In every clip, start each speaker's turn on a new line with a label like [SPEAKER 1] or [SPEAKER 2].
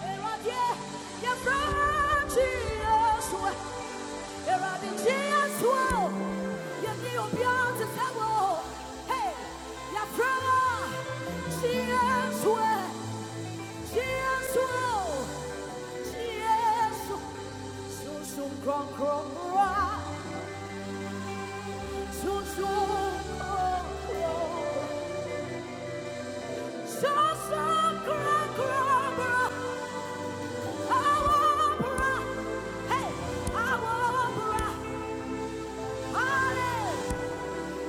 [SPEAKER 1] Hey, our opera. Halle-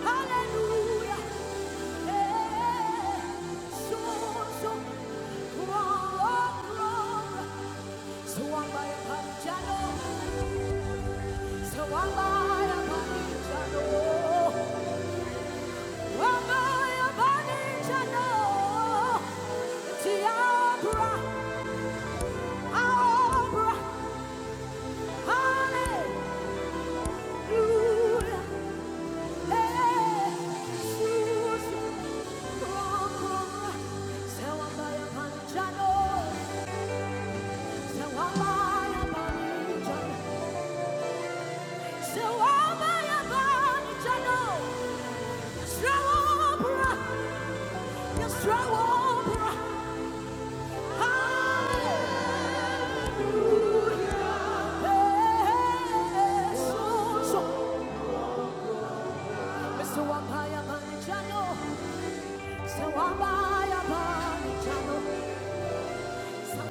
[SPEAKER 1] Halleluja! Eh, so, so, oh, oh, so ambaye panjalo, so ambaye panjalo, ambaye panjalo, tiabra, abra, Hallelujah!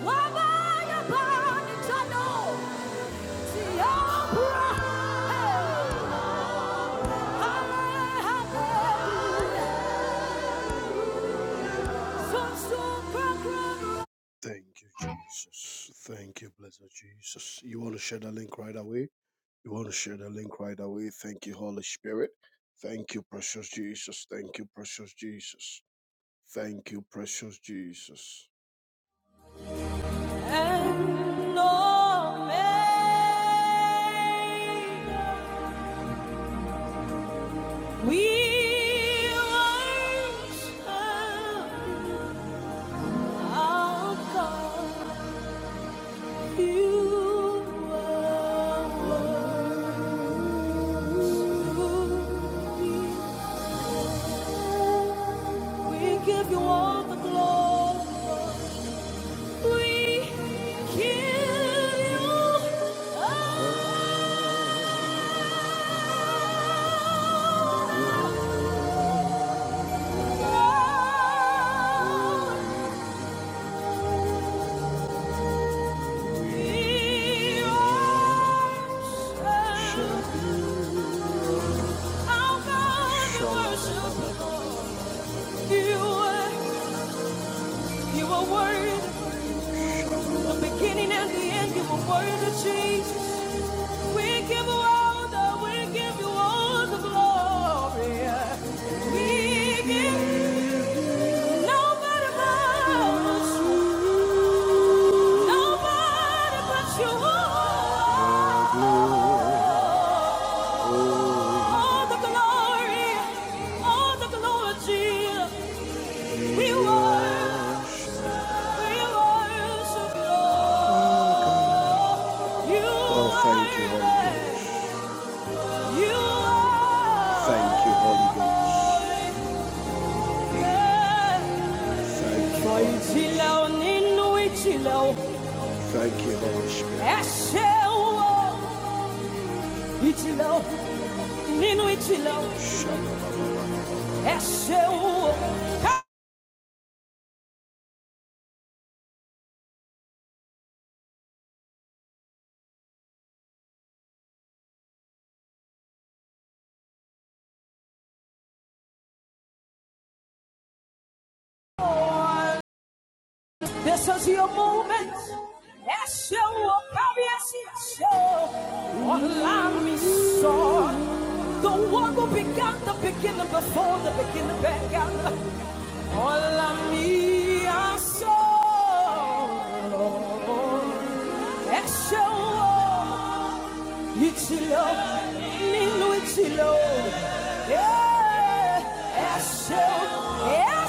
[SPEAKER 1] Wabaya Bani Chano, Thank you, Jesus. Thank you, blessed Jesus. You want to share the link right away? You want to share the link right away? Thank you, Holy Spirit. Thank you, precious Jesus. Thank you, precious Jesus. Thank you, precious Jesus. And no man. We worship our God. You are worthy. We give you all the glory. We give you all the glory. You are you are worthy, the beginning and the end. You are worthy, Jesus. We give you all the, we give you all the glory. We give you nobody but you, nobody but you. All the glory, all the glory, Jesus. We worship, we worship Lord. You Oh, thank you, Holy are Ghost. great. You are Thank you, Holy Ghost. Thank great. you, For Holy you chill Ghost. out, ninu ichill out. Thank you, Holy Spirit. Eshe wo, ichill out, ninu ichill out. Shalom. This is your moment. Yes, you will come. Yes, yes, you will. Allow me, so the work will begin. The beginning before the beginning began. Allow me, so yes, you will. It's love, Nilo, it's love. Yeah, yes, you, yes, you will.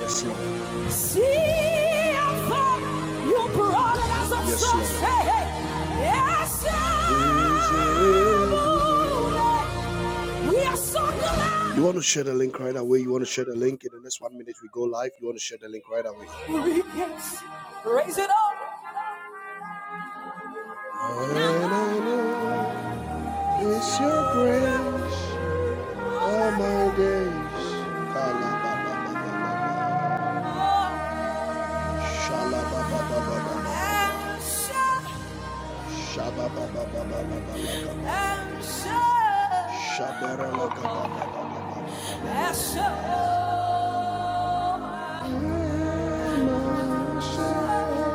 [SPEAKER 1] Yes, Lord. See how far you brought us a Yes, so say, yes, Lord. we are so glad. You want to share the link right away. You want to share the link in the next one minute we go live. You want to share the link right away. Yes, raise it up. And I know it's your grace all my days. Shalababababababa. I'm sure, I'm sure, I'm sure,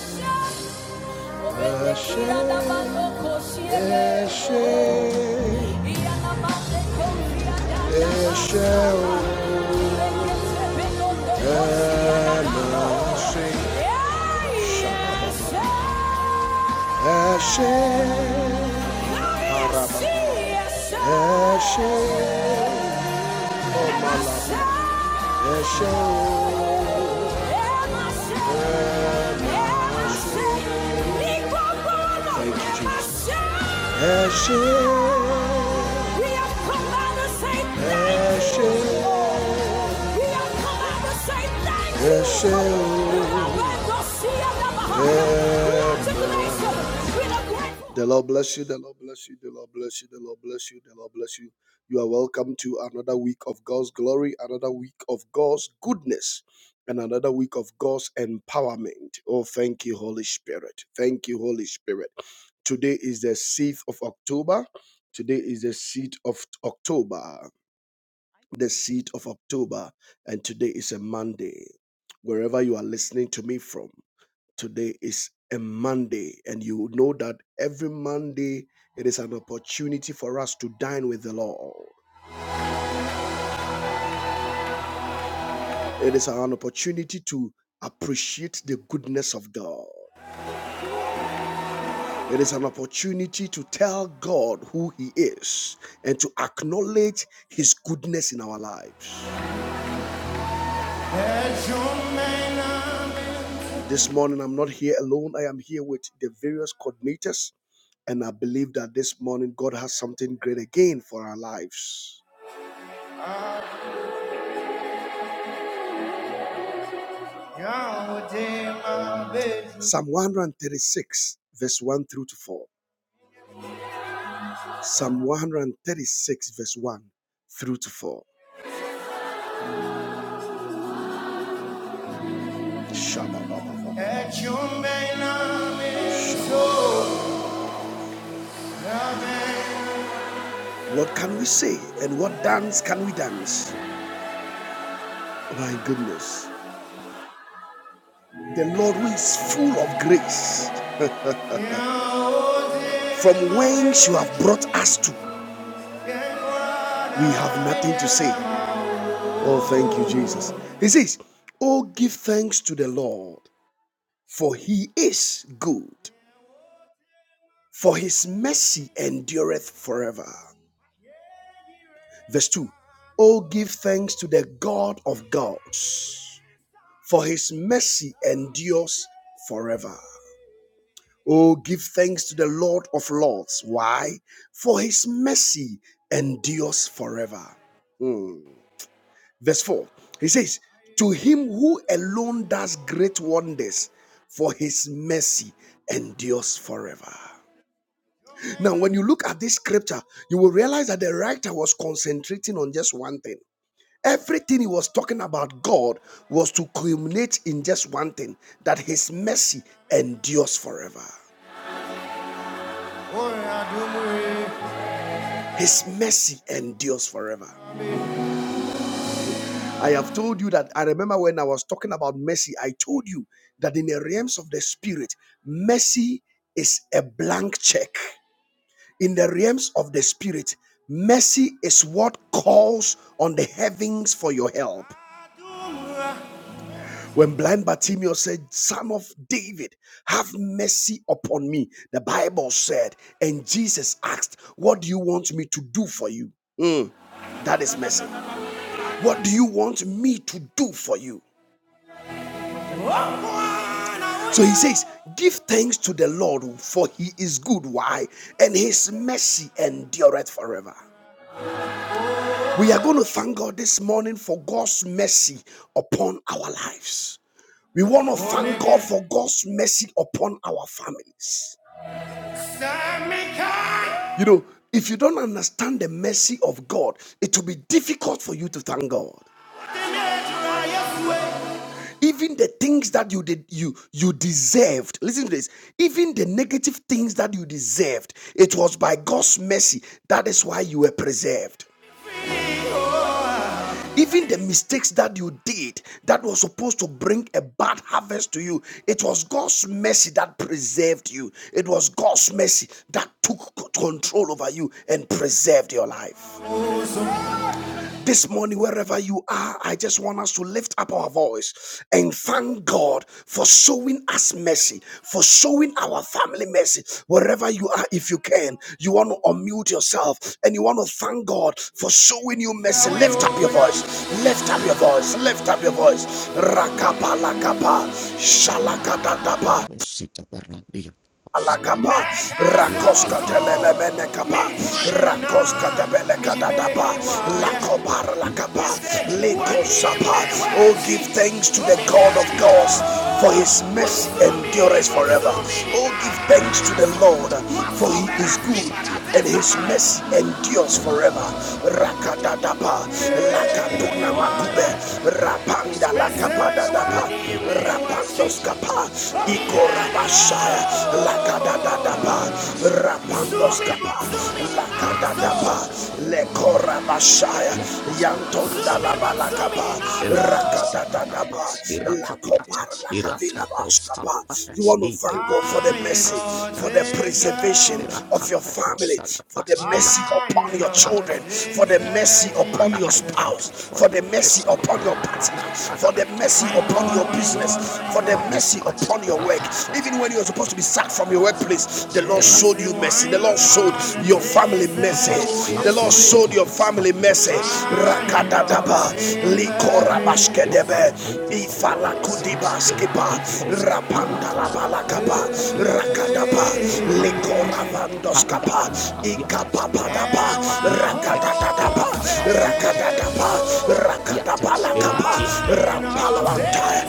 [SPEAKER 1] I'm sure. Eshe, Eshe, Elohim, Eshe, Araba, Eshe. Oh, Thank you, Jesus. We have come out to say thank you. We have come out to say thank you. The Lord bless you. The Lord bless you. The Lord bless you. The Lord bless you. The Lord bless you. You are welcome to another week of God's glory, another week of God's goodness, and another week of God's empowerment. Oh, thank you, Holy Spirit. Thank you, Holy Spirit. Today is the 6th of October. Today is the 6th of October. The 6th of October. And today is a Monday. Wherever you are listening to me from, today is a Monday. And you know that every Monday, it is an opportunity for us to dine with the Lord. It is an opportunity to appreciate the goodness of God. It is an opportunity to tell God who He is and to acknowledge His goodness in our lives. This morning, I'm not here alone. I am here with the various coordinators, and I believe that this morning God has something great again for our lives. Psalm 136, verse 1 through to 4. Psalm 136, verse 1 through to 4. What can we say and what dance can we dance? My goodness. The Lord who is full of grace, from whence you have brought us to, we have nothing to say. Oh, thank you, Jesus. He says, Oh, give thanks to the Lord, for he is good, for his mercy endureth forever. Verse 2 Oh, give thanks to the God of gods, for his mercy endures forever. Oh, give thanks to the Lord of Lords. Why? For his mercy endures forever. Hmm. Verse 4, he says, To him who alone does great wonders, for his mercy endures forever. Now, when you look at this scripture, you will realize that the writer was concentrating on just one thing. Everything he was talking about God was to culminate in just one thing that his mercy endures forever. Oh, yeah, His mercy endures forever. I have told you that I remember when I was talking about mercy, I told you that in the realms of the spirit, mercy is a blank check. In the realms of the spirit, mercy is what calls on the heavens for your help. When blind Bartimaeus said, Son of David, have mercy upon me, the Bible said, and Jesus asked, What do you want me to do for you? Mm, that is mercy. What do you want me to do for you? So he says, Give thanks to the Lord, for he is good. Why? And his mercy endureth forever. We are going to thank God this morning for God's mercy upon our lives. We want to thank God for God's mercy upon our families. You know, if you don't understand the mercy of God, it will be difficult for you to thank God. even the things that you did you you deserved listen to this even the negative things that you deserved it was by god's mercy that is why you were preserved even the mistakes that you did that was supposed to bring a bad harvest to you it was god's mercy that preserved you it was god's mercy that took control over you and preserved your life this morning, wherever you are, I just want us to lift up our voice and thank God for showing us mercy, for showing our family mercy. Wherever you are, if you can, you want to unmute yourself and you want to thank God for showing you mercy. Lift up your voice, lift up your voice, lift up your voice. Rakapa lakapa, shalakadadapa.
[SPEAKER 2] Aproxita barrandia, osplaya,
[SPEAKER 1] Alakapa,
[SPEAKER 2] la
[SPEAKER 1] Rakoska
[SPEAKER 2] programma,
[SPEAKER 1] Telebene Kapa,
[SPEAKER 2] catisha, cadabra,
[SPEAKER 1] Rakoska Tebele Kadadapa,
[SPEAKER 2] yaka, la
[SPEAKER 1] Lakobar Lakapa,
[SPEAKER 2] pipos, patima, costa, la
[SPEAKER 1] Likosapa. Oh, give thanks to the God of
[SPEAKER 2] osita
[SPEAKER 1] gods,
[SPEAKER 2] branda,
[SPEAKER 1] for his mercy endures forever.
[SPEAKER 2] lepres,
[SPEAKER 1] Oh,
[SPEAKER 2] patima,
[SPEAKER 1] give thanks to the
[SPEAKER 2] casca,
[SPEAKER 1] Lord,
[SPEAKER 2] yat,
[SPEAKER 1] for
[SPEAKER 2] la
[SPEAKER 1] he is
[SPEAKER 2] catisha,
[SPEAKER 1] good
[SPEAKER 2] tiata,
[SPEAKER 1] and his
[SPEAKER 2] pacosta,
[SPEAKER 1] mercy endures
[SPEAKER 2] la
[SPEAKER 1] forever.
[SPEAKER 2] cacaver, pavos,
[SPEAKER 1] Rakadadapa,
[SPEAKER 2] yakas, la
[SPEAKER 1] Lakaduna
[SPEAKER 2] bianca,
[SPEAKER 1] Makube,
[SPEAKER 2] coparanga,
[SPEAKER 1] Rapanda
[SPEAKER 2] costa, yakas,
[SPEAKER 1] Lakapadadapa,
[SPEAKER 2] la puranda, costa, tiata,
[SPEAKER 1] Rapandoskapa,
[SPEAKER 2] la cantina,
[SPEAKER 1] Ikorabashaya, Lakadadadapa,
[SPEAKER 2] la casuta la kuma
[SPEAKER 1] Rapandoskapa,
[SPEAKER 2] mates le
[SPEAKER 1] Lakadadapa,
[SPEAKER 2] cosita kuma mates
[SPEAKER 1] Lekorabashaya,
[SPEAKER 2] Father, I
[SPEAKER 1] Yantonda Labalakapa, Rakadadadapa, Lakobar Lakavilabashkapa. You want to thank God. God, for the mercy, for the preservation of your family, for the mercy upon your children, for the mercy upon your
[SPEAKER 2] thank
[SPEAKER 1] spouse,
[SPEAKER 2] you for
[SPEAKER 1] for
[SPEAKER 2] your
[SPEAKER 1] the mercy
[SPEAKER 2] mercy
[SPEAKER 1] upon
[SPEAKER 2] upon
[SPEAKER 1] your
[SPEAKER 2] my life.
[SPEAKER 1] partner,
[SPEAKER 2] Father,
[SPEAKER 1] for the
[SPEAKER 2] I thank
[SPEAKER 1] mercy
[SPEAKER 2] you for your
[SPEAKER 1] upon your
[SPEAKER 2] mercy
[SPEAKER 1] business,
[SPEAKER 2] upon my
[SPEAKER 1] for the
[SPEAKER 2] family's
[SPEAKER 1] mercy
[SPEAKER 2] life.
[SPEAKER 1] upon your work.
[SPEAKER 2] Erata,
[SPEAKER 1] Even when you were supposed to
[SPEAKER 2] Erata,
[SPEAKER 1] be sacked from your workplace, the Lord showed you
[SPEAKER 2] Erata,
[SPEAKER 1] mercy. The Lord showed your
[SPEAKER 2] Matasita
[SPEAKER 1] family mercy.
[SPEAKER 2] Matas,
[SPEAKER 1] The Lord
[SPEAKER 2] Lapis,
[SPEAKER 1] showed your family mercy.
[SPEAKER 2] Matas, Italiati,
[SPEAKER 1] Rakadadaba,
[SPEAKER 2] Matas, Lord, I
[SPEAKER 1] likorabashkedebe
[SPEAKER 2] thank you for your
[SPEAKER 1] ifala
[SPEAKER 2] mercy.
[SPEAKER 1] kudibaskipa rapandalabalakapa rakadapa likoravandoskapa ikapapadapa rakadadadapa rakadadapa rakadabalakapa rampalawantaya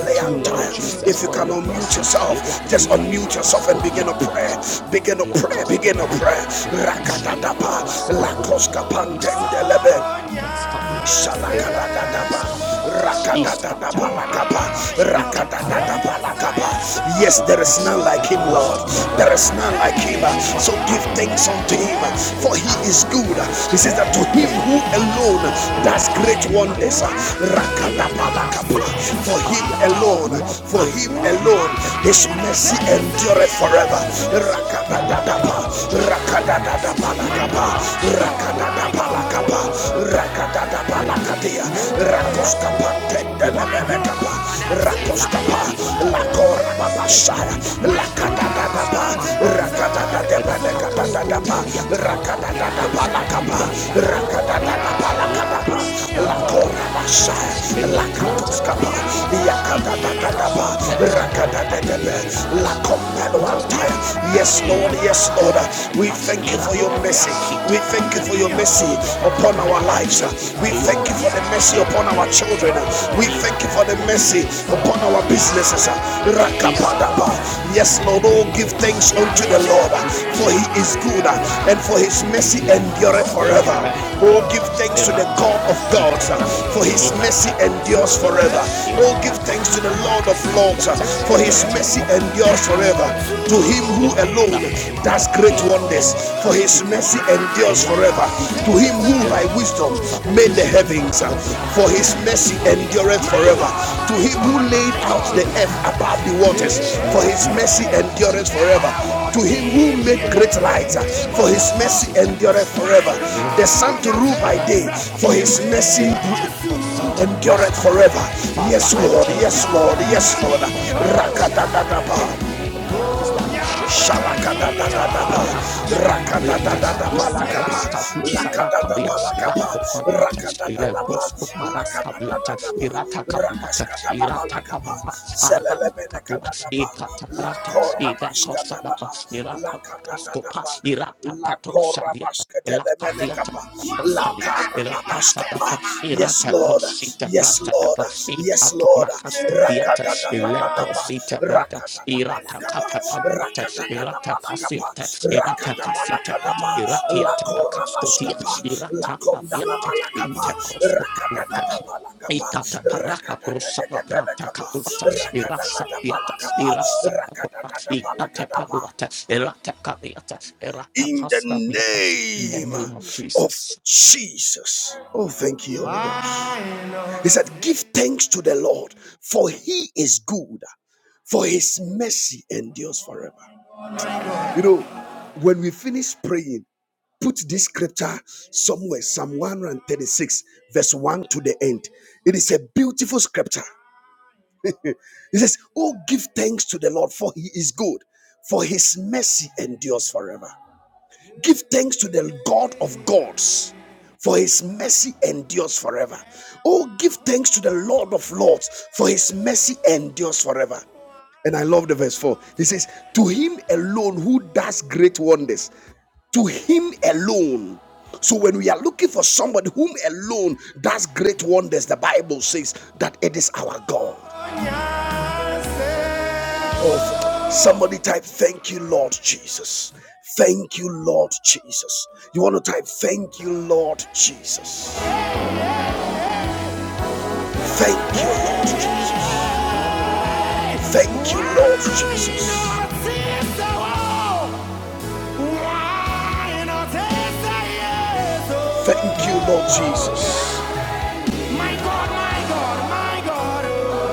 [SPEAKER 2] Thank you, Lord Jesus,
[SPEAKER 1] if you
[SPEAKER 2] for
[SPEAKER 1] can
[SPEAKER 2] your
[SPEAKER 1] unmute
[SPEAKER 2] mercy.
[SPEAKER 1] yourself
[SPEAKER 2] Ila
[SPEAKER 1] just
[SPEAKER 2] kuba da
[SPEAKER 1] unmute yourself and
[SPEAKER 2] casto via
[SPEAKER 1] begin a
[SPEAKER 2] tex
[SPEAKER 1] prayer begin a
[SPEAKER 2] La
[SPEAKER 1] prayer begin
[SPEAKER 2] Casco
[SPEAKER 1] a prayer
[SPEAKER 2] Paracatulata, the
[SPEAKER 1] rakadadapa
[SPEAKER 2] Atlas Capulata, is
[SPEAKER 1] lakoskapantende
[SPEAKER 2] Saracatu, Coscapulata, the Lacabas
[SPEAKER 1] Shalakadadadaba,
[SPEAKER 2] Capulata, is
[SPEAKER 1] rakadadadabalakaba,
[SPEAKER 2] Cataparacapa, the Tacaranta
[SPEAKER 1] rakadadadabalakaba.
[SPEAKER 2] Paracasco
[SPEAKER 1] Yes, there is
[SPEAKER 2] Parulata,
[SPEAKER 1] none
[SPEAKER 2] the
[SPEAKER 1] like
[SPEAKER 2] Red
[SPEAKER 1] him, Lord.
[SPEAKER 2] Post, the
[SPEAKER 1] There is none like him.
[SPEAKER 2] Rapacabulata.
[SPEAKER 1] So
[SPEAKER 2] Father,
[SPEAKER 1] give
[SPEAKER 2] I thank
[SPEAKER 1] thanks
[SPEAKER 2] you
[SPEAKER 1] unto
[SPEAKER 2] for
[SPEAKER 1] him,
[SPEAKER 2] allowing
[SPEAKER 1] for he
[SPEAKER 2] I and
[SPEAKER 1] is
[SPEAKER 2] my
[SPEAKER 1] good.
[SPEAKER 2] family to
[SPEAKER 1] He says that to him
[SPEAKER 2] enjoy
[SPEAKER 1] who
[SPEAKER 2] your
[SPEAKER 1] alone
[SPEAKER 2] mercy.
[SPEAKER 1] does
[SPEAKER 2] Lakas,
[SPEAKER 1] great
[SPEAKER 2] my
[SPEAKER 1] wonders.
[SPEAKER 2] life, what else? Lakas,
[SPEAKER 1] Rakadabalakaba.
[SPEAKER 2] my life,
[SPEAKER 1] For
[SPEAKER 2] what
[SPEAKER 1] him
[SPEAKER 2] else?
[SPEAKER 1] alone,
[SPEAKER 2] Lord, my
[SPEAKER 1] for him
[SPEAKER 2] was
[SPEAKER 1] alone,
[SPEAKER 2] magnified
[SPEAKER 1] his
[SPEAKER 2] by,
[SPEAKER 1] mercy
[SPEAKER 2] by your
[SPEAKER 1] endureth
[SPEAKER 2] grace,
[SPEAKER 1] forever.
[SPEAKER 2] by your message. Father, I
[SPEAKER 1] Rakadadadaba,
[SPEAKER 2] appreciate your message upon my
[SPEAKER 1] rakadadadabalakaba,
[SPEAKER 2] life.
[SPEAKER 1] rakadadaba palakapa
[SPEAKER 2] Ikoparandiakasuta,
[SPEAKER 1] rakadada palakadia
[SPEAKER 2] elakitiantekarasuta,
[SPEAKER 1] rakoskapa tendelelelekapa
[SPEAKER 2] irakatatapiata,
[SPEAKER 1] rakoskapa lakora babasaya
[SPEAKER 2] ilakatiantebrantakaskopandiata,
[SPEAKER 1] lakadadadaba
[SPEAKER 2] elekoskomahandiata,
[SPEAKER 1] rakadadadebelekadadadaba
[SPEAKER 2] eratakaskoteliata,
[SPEAKER 1] rakadadada palakapa rakadadada Skapa,
[SPEAKER 2] elekoskapirandakapopalita,
[SPEAKER 1] Lakora
[SPEAKER 2] in
[SPEAKER 1] Messiah,
[SPEAKER 2] la diata
[SPEAKER 1] Lakatoskapa,
[SPEAKER 2] costariata, in
[SPEAKER 1] Yakadadadadaba,
[SPEAKER 2] paracasuates, in la
[SPEAKER 1] Rakadadadebe,
[SPEAKER 2] capaduates,
[SPEAKER 1] Lakompeluantaya.
[SPEAKER 2] caspatuates,
[SPEAKER 1] Yes,
[SPEAKER 2] in
[SPEAKER 1] Lord,
[SPEAKER 2] la
[SPEAKER 1] yes, Lord.
[SPEAKER 2] capacita de
[SPEAKER 1] We
[SPEAKER 2] pas,
[SPEAKER 1] thank
[SPEAKER 2] in
[SPEAKER 1] you
[SPEAKER 2] la
[SPEAKER 1] for your mercy.
[SPEAKER 2] capacita
[SPEAKER 1] We thank you
[SPEAKER 2] grande
[SPEAKER 1] for your
[SPEAKER 2] parasta
[SPEAKER 1] mercy
[SPEAKER 2] pilates.
[SPEAKER 1] upon our
[SPEAKER 2] Father, I
[SPEAKER 1] lives.
[SPEAKER 2] take
[SPEAKER 1] We
[SPEAKER 2] before your
[SPEAKER 1] thank you for the
[SPEAKER 2] message.
[SPEAKER 1] mercy upon our children. We thank you for the mercy upon our
[SPEAKER 2] He said,
[SPEAKER 1] businesses. Rakapadaba. Yes, Yes, Lord, oh, give thanks unto the Lord, for he is good, and for his mercy
[SPEAKER 2] La
[SPEAKER 1] endureth
[SPEAKER 2] cosa
[SPEAKER 1] forever.
[SPEAKER 2] ratem
[SPEAKER 1] Oh, give
[SPEAKER 2] paliata,
[SPEAKER 1] thanks to the
[SPEAKER 2] irata
[SPEAKER 1] God of
[SPEAKER 2] cosita
[SPEAKER 1] gods, for
[SPEAKER 2] gratis,
[SPEAKER 1] his mercy
[SPEAKER 2] irata costa
[SPEAKER 1] endures
[SPEAKER 2] viata,
[SPEAKER 1] forever. Oh, give
[SPEAKER 2] irata
[SPEAKER 1] thanks
[SPEAKER 2] capa
[SPEAKER 1] to the
[SPEAKER 2] pala
[SPEAKER 1] Lord of
[SPEAKER 2] casa
[SPEAKER 1] lords,
[SPEAKER 2] viata,
[SPEAKER 1] for his
[SPEAKER 2] irate
[SPEAKER 1] mercy
[SPEAKER 2] cosita
[SPEAKER 1] endures forever.
[SPEAKER 2] rasta viata,
[SPEAKER 1] To him who
[SPEAKER 2] irata da
[SPEAKER 1] alone
[SPEAKER 2] paliata,
[SPEAKER 1] does great
[SPEAKER 2] irata
[SPEAKER 1] wonders,
[SPEAKER 2] ma
[SPEAKER 1] for his
[SPEAKER 2] caspi
[SPEAKER 1] mercy
[SPEAKER 2] paliata,
[SPEAKER 1] endures
[SPEAKER 2] irata
[SPEAKER 1] forever.
[SPEAKER 2] suta
[SPEAKER 1] To him
[SPEAKER 2] viata,
[SPEAKER 1] who by
[SPEAKER 2] irata
[SPEAKER 1] wisdom
[SPEAKER 2] costa la
[SPEAKER 1] made the
[SPEAKER 2] pas,
[SPEAKER 1] heavens, uh,
[SPEAKER 2] irata
[SPEAKER 1] for
[SPEAKER 2] ranta
[SPEAKER 1] his mercy
[SPEAKER 2] parasta viata.
[SPEAKER 1] endureth forever.
[SPEAKER 2] Irata
[SPEAKER 1] To
[SPEAKER 2] sto
[SPEAKER 1] him who laid
[SPEAKER 2] mariata,
[SPEAKER 1] out the earth
[SPEAKER 2] irata
[SPEAKER 1] above the
[SPEAKER 2] casuta
[SPEAKER 1] waters,
[SPEAKER 2] viata,
[SPEAKER 1] for his
[SPEAKER 2] irata da
[SPEAKER 1] mercy
[SPEAKER 2] casia,
[SPEAKER 1] endureth forever.
[SPEAKER 2] apa
[SPEAKER 1] To him who made
[SPEAKER 2] da
[SPEAKER 1] great lights,
[SPEAKER 2] Father,
[SPEAKER 1] uh, for his mercy endureth forever. The sun to rule by day, for his mercy endureth forever. Yes,
[SPEAKER 2] I
[SPEAKER 1] Lord,
[SPEAKER 2] thank you
[SPEAKER 1] yes,
[SPEAKER 2] for
[SPEAKER 1] Lord,
[SPEAKER 2] your
[SPEAKER 1] yes,
[SPEAKER 2] mercy
[SPEAKER 1] Lord.
[SPEAKER 2] upon my life. Father, I thank
[SPEAKER 1] Rakatatatapa
[SPEAKER 2] you for the mercy that you show
[SPEAKER 1] la
[SPEAKER 2] unto my family.
[SPEAKER 1] rakadadadadaba
[SPEAKER 2] Rakakaskupariyata,
[SPEAKER 1] lakaba,
[SPEAKER 2] isaraskavusarapariya,
[SPEAKER 1] lakadadaba lakaba,
[SPEAKER 2] lakopariyata,
[SPEAKER 1] rakadadadaba,
[SPEAKER 2] ilekoskoparaskariyata,
[SPEAKER 1] lakadadadadaba,
[SPEAKER 2] iratakapiyata,
[SPEAKER 1] rakaskadadaba lakaba,
[SPEAKER 2] iratapapapa, Katua,
[SPEAKER 1] zelelemenekadadaba,
[SPEAKER 2] Ikata Karate, Ida Kosadapa,
[SPEAKER 1] lakorabashkadadaba,
[SPEAKER 2] Irata Kaskopa,
[SPEAKER 1] lakadadadaba,
[SPEAKER 2] Irata Patosadia, Elaka Yata.
[SPEAKER 1] lakorabashkatelemenekaba,
[SPEAKER 2] Irata
[SPEAKER 1] Rabashkapa.
[SPEAKER 2] Sadapa,
[SPEAKER 1] Yes,
[SPEAKER 2] Irata
[SPEAKER 1] Lord.
[SPEAKER 2] Cosita
[SPEAKER 1] Yes,
[SPEAKER 2] Brasta da
[SPEAKER 1] Lord.
[SPEAKER 2] Pasti,
[SPEAKER 1] Yes, Lord.
[SPEAKER 2] Atumacasto Theatre, Ileco
[SPEAKER 1] Rakatatatapa.
[SPEAKER 2] Sita Brata, Irata
[SPEAKER 1] Rakatatapanakapa.
[SPEAKER 2] Catapalata, Irata
[SPEAKER 1] Rakatatapanakapa.
[SPEAKER 2] Casiata, Irata Casita,
[SPEAKER 1] Rakatapanakadama.
[SPEAKER 2] Iratiata Cascotia,
[SPEAKER 1] Lakorabashkapa.
[SPEAKER 2] Irata Paliata,
[SPEAKER 1] Lakondalabalakapa.
[SPEAKER 2] Intercosco Panuata,
[SPEAKER 1] Rakatatapanakapa.
[SPEAKER 2] Ikata paraka prosara pranta
[SPEAKER 1] Rakatatatatapalakapa.
[SPEAKER 2] kaduata irasa piata
[SPEAKER 1] Rakatatapanakapa.
[SPEAKER 2] irasa kaduata ikate
[SPEAKER 1] Rakatatapanakadapa
[SPEAKER 2] paduata irata kabiata irata
[SPEAKER 1] in the
[SPEAKER 2] kasta piata in the
[SPEAKER 1] name
[SPEAKER 2] name of
[SPEAKER 1] of
[SPEAKER 2] Jesus
[SPEAKER 1] Jesus. Oh, thank you, Holy Ghost. He said, Give thanks to the Lord, for he is good, for his mercy endures forever. You know, when we finish praying, put this scripture somewhere, Psalm 136, verse 1 to the end. It is a beautiful scripture. It says, Oh, give thanks to the Lord, for he is good, for his mercy endures forever. Give thanks to the God of gods, for his mercy endures forever. Oh, give thanks to the Lord of lords, for his mercy endures forever. And I love the verse 4. He says, To him alone who does great wonders, to him alone. So when we are looking for somebody whom alone does great wonders, the Bible says that it is our God. Oh, somebody type, Thank you, Lord Jesus. Thank you, Lord Jesus. You want to type, Thank you, Lord Jesus. Thank you, Lord Jesus. Thank you, Lord Jesus. Thank you, Lord Jesus. My God, my God, my God.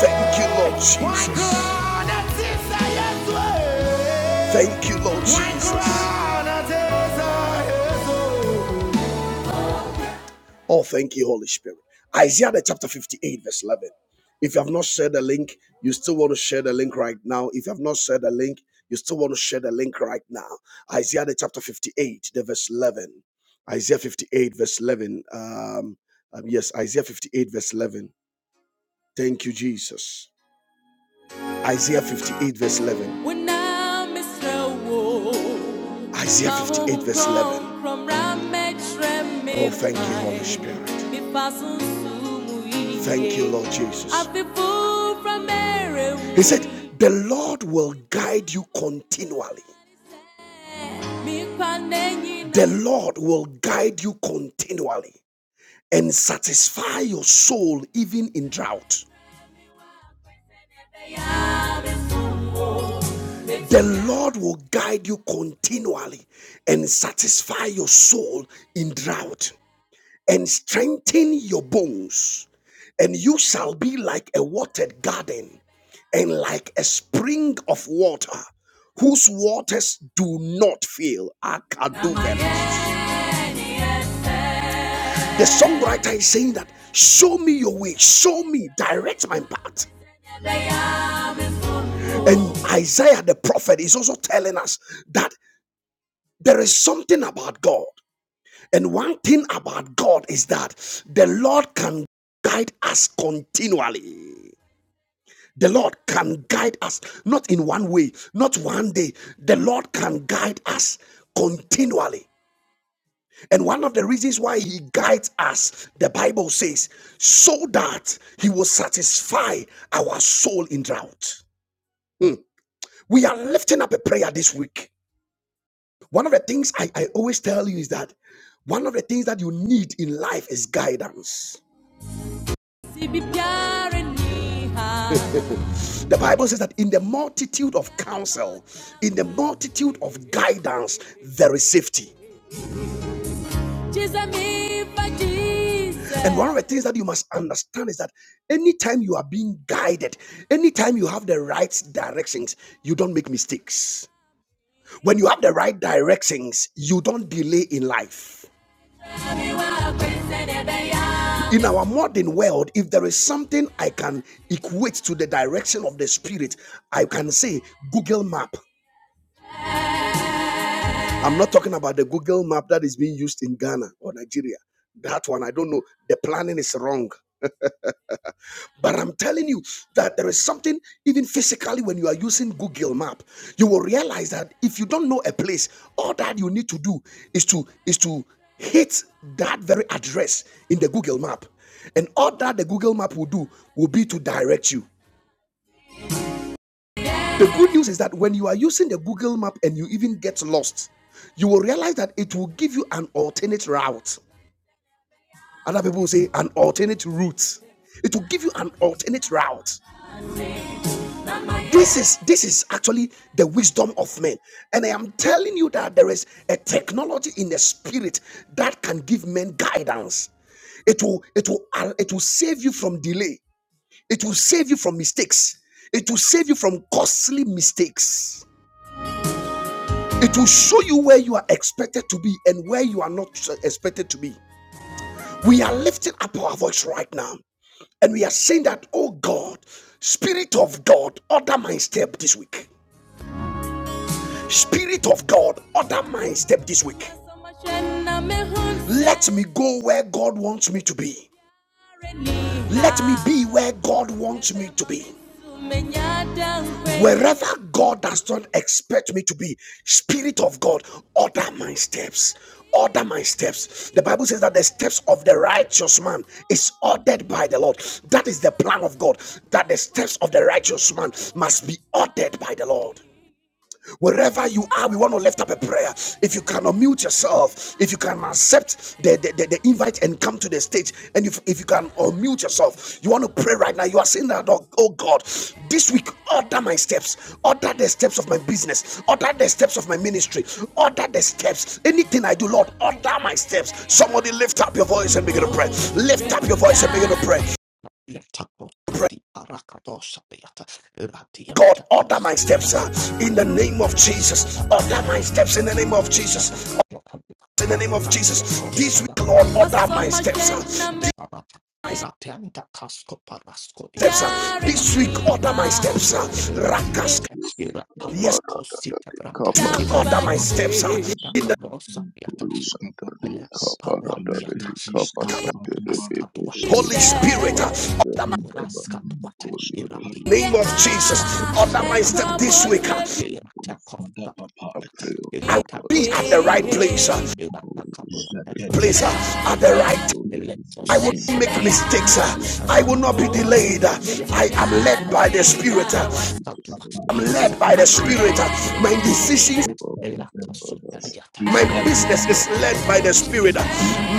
[SPEAKER 1] Thank you, Lord Jesus. Thank you, Lord Jesus. Oh, thank you, Holy Spirit. Isaiah the chapter 58, verse 11. If you have not shared the link, you still want to share the link right now. If you have not shared the link, you still want to share the link right now. Isaiah the chapter 58, the verse 11. Isaiah 58, verse 11. Um, um, yes, Isaiah 58, verse 11. Thank you, Jesus. Isaiah 58, verse 11. Isaiah 58, verse 11. Oh, thank you, Holy Spirit. Thank you, Lord Jesus. He said, The Lord will guide you continually. The Lord will guide you continually and satisfy your soul even in drought. The Lord will guide you continually and satisfy your soul in drought and strengthen your bones, and you shall be like a watered garden and like a spring of water whose waters do not fail. Akaduvelos. The songwriter is saying that show me your way, show me, direct my path. And Isaiah the prophet is also telling us that there is something about God. And one thing about God is that the Lord can guide us continually. The Lord can guide us not in one way, not one day. The Lord can guide us continually. And one of the reasons why he guides us, the Bible says, so that he will satisfy our soul in drought. We are lifting up a prayer this week. One of the things I, I always tell you is that one of the things that you need in life is guidance. The Bible says that in the multitude of counsel, in the multitude of guidance, there is safety. And one of the things that you must understand is that anytime you are being guided, anytime you have the right directions, you don't make mistakes. When you have the right directions, you don't delay in life. In our modern world, if there is something I can equate to the direction of the spirit, I can say Google Map. I'm not talking about the Google Map that is being used in Ghana or Nigeria. That one, I don't know. The planning is wrong. But I'm telling you that there is something, even physically, when you are using Google Map, you will realize that if you don't know a place, all that you need to do is to is to hit that very address in the Google Map. And all that the Google Map will do will be to direct you. The good news is that when you are using the Google Map and you even get lost, you will realize that it will give you an alternate route. Other people say an alternate route. It will give you an alternate route. this is this is actually the wisdom of men and i am telling you that there is a technology in the spirit that can give men guidance it will it will uh, it will save you from delay it will save you from mistakes it will save you from costly mistakes it will show you where you are expected to be and where you are not expected to be we are lifting up our voice right now and we are saying that oh god spirit of god order my step this week Spirit of God, order my step this week. Let me go where God wants me to be. Let me be where God wants me to be. Wherever God does not expect me to be, Spirit of God, order my steps. Order my steps. The Bible says that the steps of the righteous man is ordered by the Lord. That is the plan of God, that the steps of the righteous man must be ordered by the Lord. Wherever you are, we want to lift up a prayer. If you cannot mute yourself, if you can accept the, the, the, the invite and come to the stage, and if, if you can unmute yourself, you want to pray right now. You are saying that, oh, oh God, this week, order my steps, order the steps of my business, order the steps of my ministry, order the steps. Anything I do, Lord, order my steps. Somebody lift up your voice and begin to pray. Lift up your voice and begin to pray.
[SPEAKER 2] irata Yatako kati araka dosa piata irati
[SPEAKER 1] God,
[SPEAKER 2] yamta
[SPEAKER 1] order my
[SPEAKER 2] kosa pava
[SPEAKER 1] steps uh, in the name
[SPEAKER 2] arata
[SPEAKER 1] of Jesus. Order my steps in the name of Jesus.
[SPEAKER 2] araka dosa
[SPEAKER 1] in the name of
[SPEAKER 2] irati
[SPEAKER 1] Jesus.
[SPEAKER 2] yakosa
[SPEAKER 1] This week,
[SPEAKER 2] pava
[SPEAKER 1] Lord, order my
[SPEAKER 2] ikata
[SPEAKER 1] steps. uh, This
[SPEAKER 2] kakosa pava
[SPEAKER 1] my
[SPEAKER 2] irati yamta kasko parasko
[SPEAKER 1] steps. uh,
[SPEAKER 2] diata
[SPEAKER 1] This week, order my
[SPEAKER 3] Thank
[SPEAKER 4] I pray,
[SPEAKER 1] steps. uh, Rakas.
[SPEAKER 2] Iratiate,
[SPEAKER 4] O
[SPEAKER 1] Yes,
[SPEAKER 2] Irapaliaco, Sitabrata,
[SPEAKER 1] this week, order
[SPEAKER 2] Electro,
[SPEAKER 1] my steps. uh,
[SPEAKER 2] Sitabrata,
[SPEAKER 1] In the
[SPEAKER 2] Capo, Sapiata, Palwantiata, Ikatu Paraskatuate,
[SPEAKER 1] Holy
[SPEAKER 2] Irate
[SPEAKER 1] Spirit, in
[SPEAKER 2] Kosita, Raskatuate, Irate
[SPEAKER 1] the name of Jesus,
[SPEAKER 2] Kakosanata,
[SPEAKER 1] order my
[SPEAKER 2] Irate
[SPEAKER 1] step this week.
[SPEAKER 2] Kapaka,
[SPEAKER 1] uh,
[SPEAKER 2] Irate Kosata,
[SPEAKER 3] you.
[SPEAKER 1] I will
[SPEAKER 4] Lord
[SPEAKER 2] Irate
[SPEAKER 4] God
[SPEAKER 1] be at the
[SPEAKER 4] Almighty, O
[SPEAKER 1] right
[SPEAKER 3] Zombra
[SPEAKER 2] Parakatosa,
[SPEAKER 1] place.
[SPEAKER 3] Zombra
[SPEAKER 1] uh,
[SPEAKER 2] Irate
[SPEAKER 4] Lord, I
[SPEAKER 2] Katuate,
[SPEAKER 4] pray that you
[SPEAKER 1] Place uh,
[SPEAKER 4] order
[SPEAKER 2] Ikala
[SPEAKER 4] my
[SPEAKER 1] at the right
[SPEAKER 4] steps,
[SPEAKER 1] time.
[SPEAKER 4] O
[SPEAKER 2] Pariate,
[SPEAKER 4] Lord, this week
[SPEAKER 1] I will
[SPEAKER 4] in
[SPEAKER 2] Electrosita,
[SPEAKER 1] not
[SPEAKER 4] the
[SPEAKER 1] make
[SPEAKER 4] mighty
[SPEAKER 2] Granda
[SPEAKER 4] name
[SPEAKER 1] mistakes.
[SPEAKER 4] of
[SPEAKER 1] uh,
[SPEAKER 4] Jesus.
[SPEAKER 2] Kasuta
[SPEAKER 1] I will not be
[SPEAKER 2] Rakatuate,
[SPEAKER 4] Order
[SPEAKER 1] delayed.
[SPEAKER 4] my
[SPEAKER 1] uh,
[SPEAKER 2] Irate
[SPEAKER 4] steps,
[SPEAKER 1] I
[SPEAKER 4] O
[SPEAKER 1] am
[SPEAKER 4] Lord,
[SPEAKER 2] Kasada,
[SPEAKER 4] in
[SPEAKER 1] led
[SPEAKER 4] the
[SPEAKER 1] by the
[SPEAKER 4] mighty
[SPEAKER 2] Ite
[SPEAKER 1] Spirit.
[SPEAKER 4] name
[SPEAKER 1] uh,
[SPEAKER 4] of Jesus,
[SPEAKER 2] Paraskatua,
[SPEAKER 4] O Lord.
[SPEAKER 1] I'm led by
[SPEAKER 2] Isade
[SPEAKER 1] the
[SPEAKER 4] They
[SPEAKER 2] Handa
[SPEAKER 1] Spirit.
[SPEAKER 4] cut
[SPEAKER 1] uh,
[SPEAKER 4] the land
[SPEAKER 1] My
[SPEAKER 4] for the
[SPEAKER 1] decisions
[SPEAKER 4] river,
[SPEAKER 2] Kapalakova,
[SPEAKER 4] but the father the
[SPEAKER 2] Elatasutelia,
[SPEAKER 1] My
[SPEAKER 4] great he
[SPEAKER 1] business
[SPEAKER 4] cut
[SPEAKER 1] is
[SPEAKER 4] of
[SPEAKER 1] led
[SPEAKER 4] the
[SPEAKER 1] by
[SPEAKER 2] Elatecosapa,
[SPEAKER 1] the
[SPEAKER 4] person.
[SPEAKER 1] Spirit.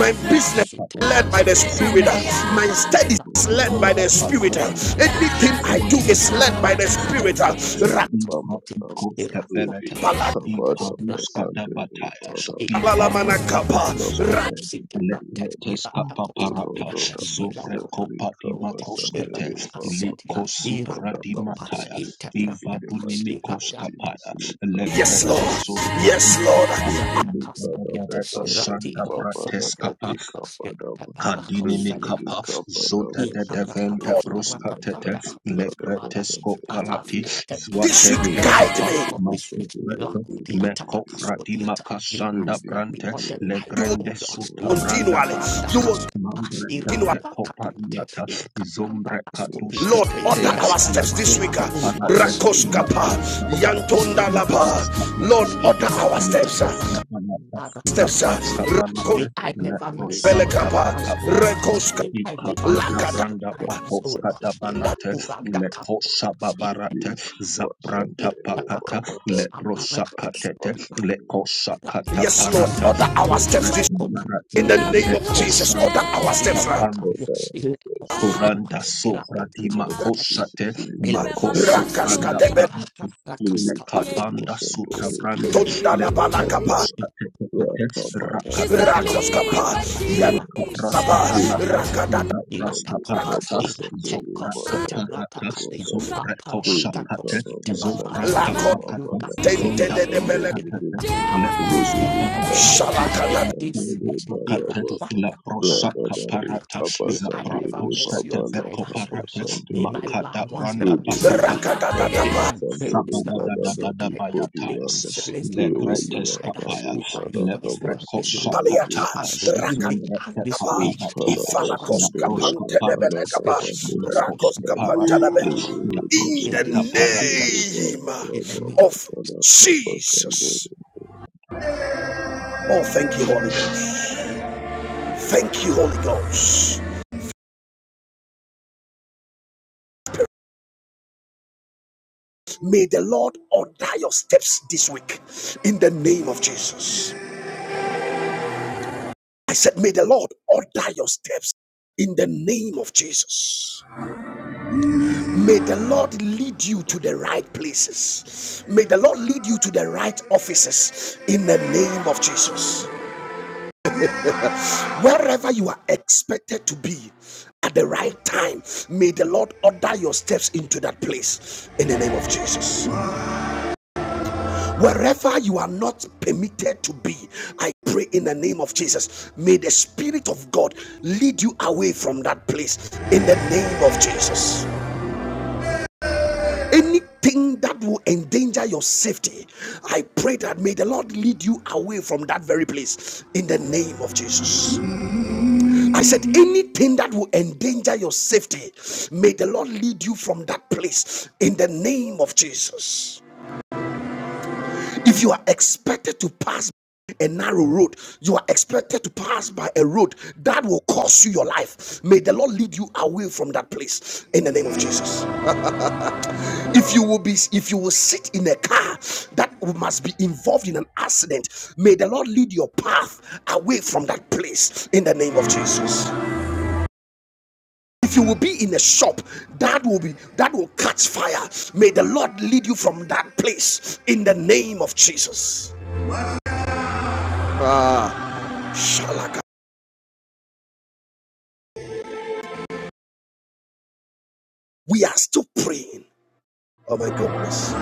[SPEAKER 1] My business is
[SPEAKER 4] Only
[SPEAKER 1] led by
[SPEAKER 4] and
[SPEAKER 1] the
[SPEAKER 4] they
[SPEAKER 1] Spirit.
[SPEAKER 4] cut
[SPEAKER 1] My
[SPEAKER 2] Elecosapa,
[SPEAKER 3] kos
[SPEAKER 4] person.
[SPEAKER 3] kada.
[SPEAKER 1] studies is led by
[SPEAKER 3] Zunda
[SPEAKER 1] the
[SPEAKER 2] Elacoparuata,
[SPEAKER 3] pa
[SPEAKER 1] Spirit.
[SPEAKER 3] kos
[SPEAKER 4] Oh Lord,
[SPEAKER 3] kada.
[SPEAKER 4] order
[SPEAKER 1] Anything I
[SPEAKER 3] Zua
[SPEAKER 1] do
[SPEAKER 2] Arapacosapata,
[SPEAKER 1] is
[SPEAKER 3] tepe mi
[SPEAKER 1] led by the
[SPEAKER 3] kos
[SPEAKER 4] myself,
[SPEAKER 3] kada.
[SPEAKER 1] Spirit.
[SPEAKER 2] Elatasutelia,
[SPEAKER 4] recover, Sunday, Baba,
[SPEAKER 3] Ivatikoskefelete,
[SPEAKER 2] Elatuatecoparuata,
[SPEAKER 3] Iparuskadabataya,
[SPEAKER 2] Elatecopata,
[SPEAKER 3] Ivalundi
[SPEAKER 2] Ecorapatuata,
[SPEAKER 3] Ikoskate,
[SPEAKER 2] Elacositata,
[SPEAKER 3] Lepreteskapaparata,
[SPEAKER 2] Elatacoscaviata, Elacopa.
[SPEAKER 3] Zobrekopadimakoskete,
[SPEAKER 2] Irata pasetia, irata
[SPEAKER 4] order myself
[SPEAKER 2] copas,
[SPEAKER 3] Likosufradimataya,
[SPEAKER 4] this
[SPEAKER 2] ita
[SPEAKER 4] week in
[SPEAKER 2] prata
[SPEAKER 4] the mighty
[SPEAKER 2] pas,
[SPEAKER 4] name of
[SPEAKER 3] Ivadunimikoskapaya,
[SPEAKER 4] Jesus,
[SPEAKER 2] irata
[SPEAKER 4] recover,
[SPEAKER 1] Yes, Lord.
[SPEAKER 2] Rakasita
[SPEAKER 4] Sunday,
[SPEAKER 1] Yes, Lord.
[SPEAKER 3] Legretesopradiskapa,
[SPEAKER 2] Rakasita Casariata,
[SPEAKER 4] Kadaba Sandari
[SPEAKER 2] Rati
[SPEAKER 4] Baba
[SPEAKER 2] Kopsa
[SPEAKER 3] Nebebeberedo
[SPEAKER 4] Radadi
[SPEAKER 2] Lavradiata,
[SPEAKER 4] Kapadaba
[SPEAKER 3] Kandini
[SPEAKER 4] Rididi
[SPEAKER 2] Taparakosariata,
[SPEAKER 3] kapa zota
[SPEAKER 4] Kapadaba
[SPEAKER 3] de
[SPEAKER 4] Sandari
[SPEAKER 3] devente
[SPEAKER 1] Lord,
[SPEAKER 2] Iparakatos
[SPEAKER 3] brusca tete
[SPEAKER 2] Araparanda
[SPEAKER 4] Bodhiantari
[SPEAKER 2] Kapas
[SPEAKER 4] Kadaba
[SPEAKER 2] Father,
[SPEAKER 3] legretesco
[SPEAKER 2] if as
[SPEAKER 4] Sandari
[SPEAKER 2] I've
[SPEAKER 3] palati
[SPEAKER 4] Via
[SPEAKER 2] entered into
[SPEAKER 1] this week
[SPEAKER 3] zuatente
[SPEAKER 1] guide
[SPEAKER 3] kapa
[SPEAKER 4] Limudo
[SPEAKER 2] endorsement
[SPEAKER 1] me.
[SPEAKER 2] of
[SPEAKER 4] Kubo
[SPEAKER 2] this
[SPEAKER 3] masu
[SPEAKER 2] rich,
[SPEAKER 3] mete
[SPEAKER 4] Sandari
[SPEAKER 2] Lakudi
[SPEAKER 4] Vidi
[SPEAKER 3] meko frati
[SPEAKER 4] Vidianta
[SPEAKER 2] Atapakasodiata, may my
[SPEAKER 3] makasanda
[SPEAKER 2] step
[SPEAKER 4] Rididi
[SPEAKER 2] be
[SPEAKER 3] brante
[SPEAKER 2] ordered by you,
[SPEAKER 1] You will
[SPEAKER 2] O
[SPEAKER 4] Vidiantari
[SPEAKER 3] legrende
[SPEAKER 2] Lord.
[SPEAKER 4] Kawa
[SPEAKER 3] suta branda
[SPEAKER 4] Sandari
[SPEAKER 1] continually.
[SPEAKER 2] Lakuparanda
[SPEAKER 1] You
[SPEAKER 3] pakapa
[SPEAKER 1] will
[SPEAKER 2] Kaskupa,
[SPEAKER 3] mambre
[SPEAKER 1] continually.
[SPEAKER 3] teve
[SPEAKER 4] Viva
[SPEAKER 2] Iradua Katuate,
[SPEAKER 3] copariata
[SPEAKER 2] Ikaranda
[SPEAKER 3] zombre katuske
[SPEAKER 2] Kaskopia.
[SPEAKER 1] Lord,
[SPEAKER 2] May you
[SPEAKER 1] order
[SPEAKER 3] tetea
[SPEAKER 4] Viva
[SPEAKER 1] our
[SPEAKER 3] na
[SPEAKER 2] direct
[SPEAKER 1] steps
[SPEAKER 2] my
[SPEAKER 1] this week.
[SPEAKER 3] prosti
[SPEAKER 1] uh,
[SPEAKER 2] path, O Lord.
[SPEAKER 3] parate
[SPEAKER 2] May you
[SPEAKER 3] na
[SPEAKER 1] Rakoskapa,
[SPEAKER 2] lead me,
[SPEAKER 3] prosta
[SPEAKER 2] O Lord.
[SPEAKER 3] kapa
[SPEAKER 1] Yantonda
[SPEAKER 3] na
[SPEAKER 1] Laba.
[SPEAKER 3] prosta
[SPEAKER 2] Lakuskapa.
[SPEAKER 1] Lord,
[SPEAKER 3] kapalate
[SPEAKER 1] order our
[SPEAKER 3] na
[SPEAKER 1] steps. uh,
[SPEAKER 3] prosta panata
[SPEAKER 1] Steps.
[SPEAKER 3] zapraska
[SPEAKER 4] Viva
[SPEAKER 3] panate
[SPEAKER 4] Kubo
[SPEAKER 2] May I
[SPEAKER 4] Sandari
[SPEAKER 2] never miss your
[SPEAKER 4] Vidi
[SPEAKER 3] Leprosanta
[SPEAKER 1] Belekapa,
[SPEAKER 2] guidance, O
[SPEAKER 3] papaparata,
[SPEAKER 2] Lord.
[SPEAKER 1] Rekoska,
[SPEAKER 2] May I never
[SPEAKER 3] ipapuda
[SPEAKER 2] miss
[SPEAKER 1] Lakata.
[SPEAKER 2] your
[SPEAKER 3] branda
[SPEAKER 2] guidance, O Lord.
[SPEAKER 4] Kapadaba
[SPEAKER 3] paposkata balate,
[SPEAKER 2] Ilakurandakapupa,
[SPEAKER 3] lekosa babarate,
[SPEAKER 2] ituke,
[SPEAKER 3] zapranta pakata,
[SPEAKER 2] irapakambas,
[SPEAKER 3] leprosakatete,
[SPEAKER 2] apalakosuma,
[SPEAKER 3] lekosakata
[SPEAKER 1] Yes, Lord,
[SPEAKER 3] parata,
[SPEAKER 1] order
[SPEAKER 2] ilapitakaskoya,
[SPEAKER 1] our
[SPEAKER 3] dobre
[SPEAKER 1] steps this
[SPEAKER 2] itekopa,
[SPEAKER 3] parata,
[SPEAKER 1] in the name of Jesus. Order
[SPEAKER 2] ilakurandakasko,
[SPEAKER 3] lekosanda
[SPEAKER 1] our steps. ah.
[SPEAKER 2] irapakaya, ilekosabua,
[SPEAKER 3] Kuranda sovra di
[SPEAKER 2] irapakakadote,
[SPEAKER 3] makoshate
[SPEAKER 4] Jesus, we come and
[SPEAKER 3] makoso
[SPEAKER 2] ilapapapa,
[SPEAKER 1] Rakaska
[SPEAKER 3] franda
[SPEAKER 4] send
[SPEAKER 1] de
[SPEAKER 3] parati
[SPEAKER 2] irapapahara,
[SPEAKER 3] le
[SPEAKER 4] Libu
[SPEAKER 2] lakaskadua,
[SPEAKER 4] Kodo
[SPEAKER 3] kabanda
[SPEAKER 4] Bosanto
[SPEAKER 3] suta brande
[SPEAKER 1] Betonda
[SPEAKER 3] le
[SPEAKER 4] Libidi
[SPEAKER 1] la
[SPEAKER 4] Antali
[SPEAKER 1] Balakapa,
[SPEAKER 3] frekosta
[SPEAKER 2] Father,
[SPEAKER 3] tekete
[SPEAKER 4] Rakabada
[SPEAKER 3] rakatatata
[SPEAKER 4] Basande
[SPEAKER 1] Rakoskapa,
[SPEAKER 3] bakapa le
[SPEAKER 1] Yababa,
[SPEAKER 3] raska palata
[SPEAKER 4] Libu
[SPEAKER 1] Rakadada,
[SPEAKER 3] zabraska
[SPEAKER 4] Antali
[SPEAKER 3] palata
[SPEAKER 4] Kabasande
[SPEAKER 3] zobra
[SPEAKER 4] Libatada
[SPEAKER 3] kaparata
[SPEAKER 4] Babada
[SPEAKER 3] zobra
[SPEAKER 4] Lili
[SPEAKER 3] koshakate
[SPEAKER 4] Kada Basande
[SPEAKER 3] zobrata
[SPEAKER 1] Lako,
[SPEAKER 2] may you
[SPEAKER 3] pakata
[SPEAKER 2] guide
[SPEAKER 4] Libabala
[SPEAKER 2] my
[SPEAKER 1] Tente
[SPEAKER 3] zonda
[SPEAKER 2] family.
[SPEAKER 1] de Belek,
[SPEAKER 2] May you
[SPEAKER 4] Kabasande
[SPEAKER 3] proskate
[SPEAKER 2] guide
[SPEAKER 3] Le
[SPEAKER 2] our goal
[SPEAKER 4] Sunday,
[SPEAKER 3] Lebroska
[SPEAKER 2] in and our
[SPEAKER 3] parata,
[SPEAKER 2] coming.
[SPEAKER 1] Shalakada,
[SPEAKER 2] In
[SPEAKER 3] zabraka
[SPEAKER 2] this place,
[SPEAKER 4] Baba,
[SPEAKER 2] the
[SPEAKER 4] Baba,
[SPEAKER 3] le
[SPEAKER 2] Ratwata
[SPEAKER 4] Baba,
[SPEAKER 3] lebrosaka parata,
[SPEAKER 2] Parakaskopiata.
[SPEAKER 4] Baba,
[SPEAKER 2] May I never
[SPEAKER 3] zabrakoska
[SPEAKER 2] miss your
[SPEAKER 3] teveko
[SPEAKER 2] guidance, oh Lord.
[SPEAKER 4] Sunday.
[SPEAKER 3] parata,
[SPEAKER 2] May my
[SPEAKER 3] makata
[SPEAKER 2] loved ones
[SPEAKER 3] branda
[SPEAKER 2] never miss your
[SPEAKER 3] bakata,
[SPEAKER 2] guidance.
[SPEAKER 1] Rakadada,
[SPEAKER 2] May my parents never
[SPEAKER 3] sabada da
[SPEAKER 2] miss
[SPEAKER 3] da
[SPEAKER 2] your
[SPEAKER 3] da
[SPEAKER 2] guidance. May
[SPEAKER 3] bayatayas,
[SPEAKER 2] my siblings
[SPEAKER 3] Le
[SPEAKER 2] never miss your
[SPEAKER 3] gretes
[SPEAKER 2] guidance
[SPEAKER 3] kapaya,
[SPEAKER 2] me my
[SPEAKER 3] le
[SPEAKER 2] friends never miss your car.
[SPEAKER 1] paliata
[SPEAKER 3] lebrekosakataya,
[SPEAKER 2] And the unique and
[SPEAKER 3] zumbreke
[SPEAKER 2] this
[SPEAKER 1] kapa
[SPEAKER 2] week, the
[SPEAKER 3] kaparataya,
[SPEAKER 2] Abbas,
[SPEAKER 1] ifalakos
[SPEAKER 2] in
[SPEAKER 3] lebroska
[SPEAKER 1] kapante debele
[SPEAKER 3] parata,
[SPEAKER 1] kapa rakos
[SPEAKER 3] lekoska
[SPEAKER 1] kapante
[SPEAKER 3] parata,
[SPEAKER 1] debe. in
[SPEAKER 3] lebroska
[SPEAKER 1] the
[SPEAKER 3] parata,
[SPEAKER 1] name
[SPEAKER 2] the name of
[SPEAKER 1] of Jesus. Oh, thank you, Holy Ghost. Thank you, Holy Ghost. May the Lord order your steps this week in the name of Jesus. I said, May the Lord order your steps in the name of Jesus. May the Lord lead you to the right places. May the Lord lead you to the right offices in the name of Jesus. Wherever you are expected to be at the right time, may the Lord order your steps into that place in the name of Jesus. Wherever you are not permitted to be, I pray in the name of Jesus, may the Spirit of God lead you away from that place in the name of Jesus. Anything that will endanger your safety, I pray that may the Lord lead you away from that very place in the name of Jesus. I said, anything that will endanger your safety, may the Lord lead you from that place in the name of Jesus. If you are expected to pass a narrow road. You are expected to pass by a road that will cost you your life. May the Lord lead you away from that place in the name of Jesus. if you will be if you will sit in a car that must be involved in an accident may the lord lead your path away from that place in the name of jesus if you will be in a shop that will be that will catch fire may the lord lead you from that place in the name of jesus Shalaka. we are still praying oh my goodness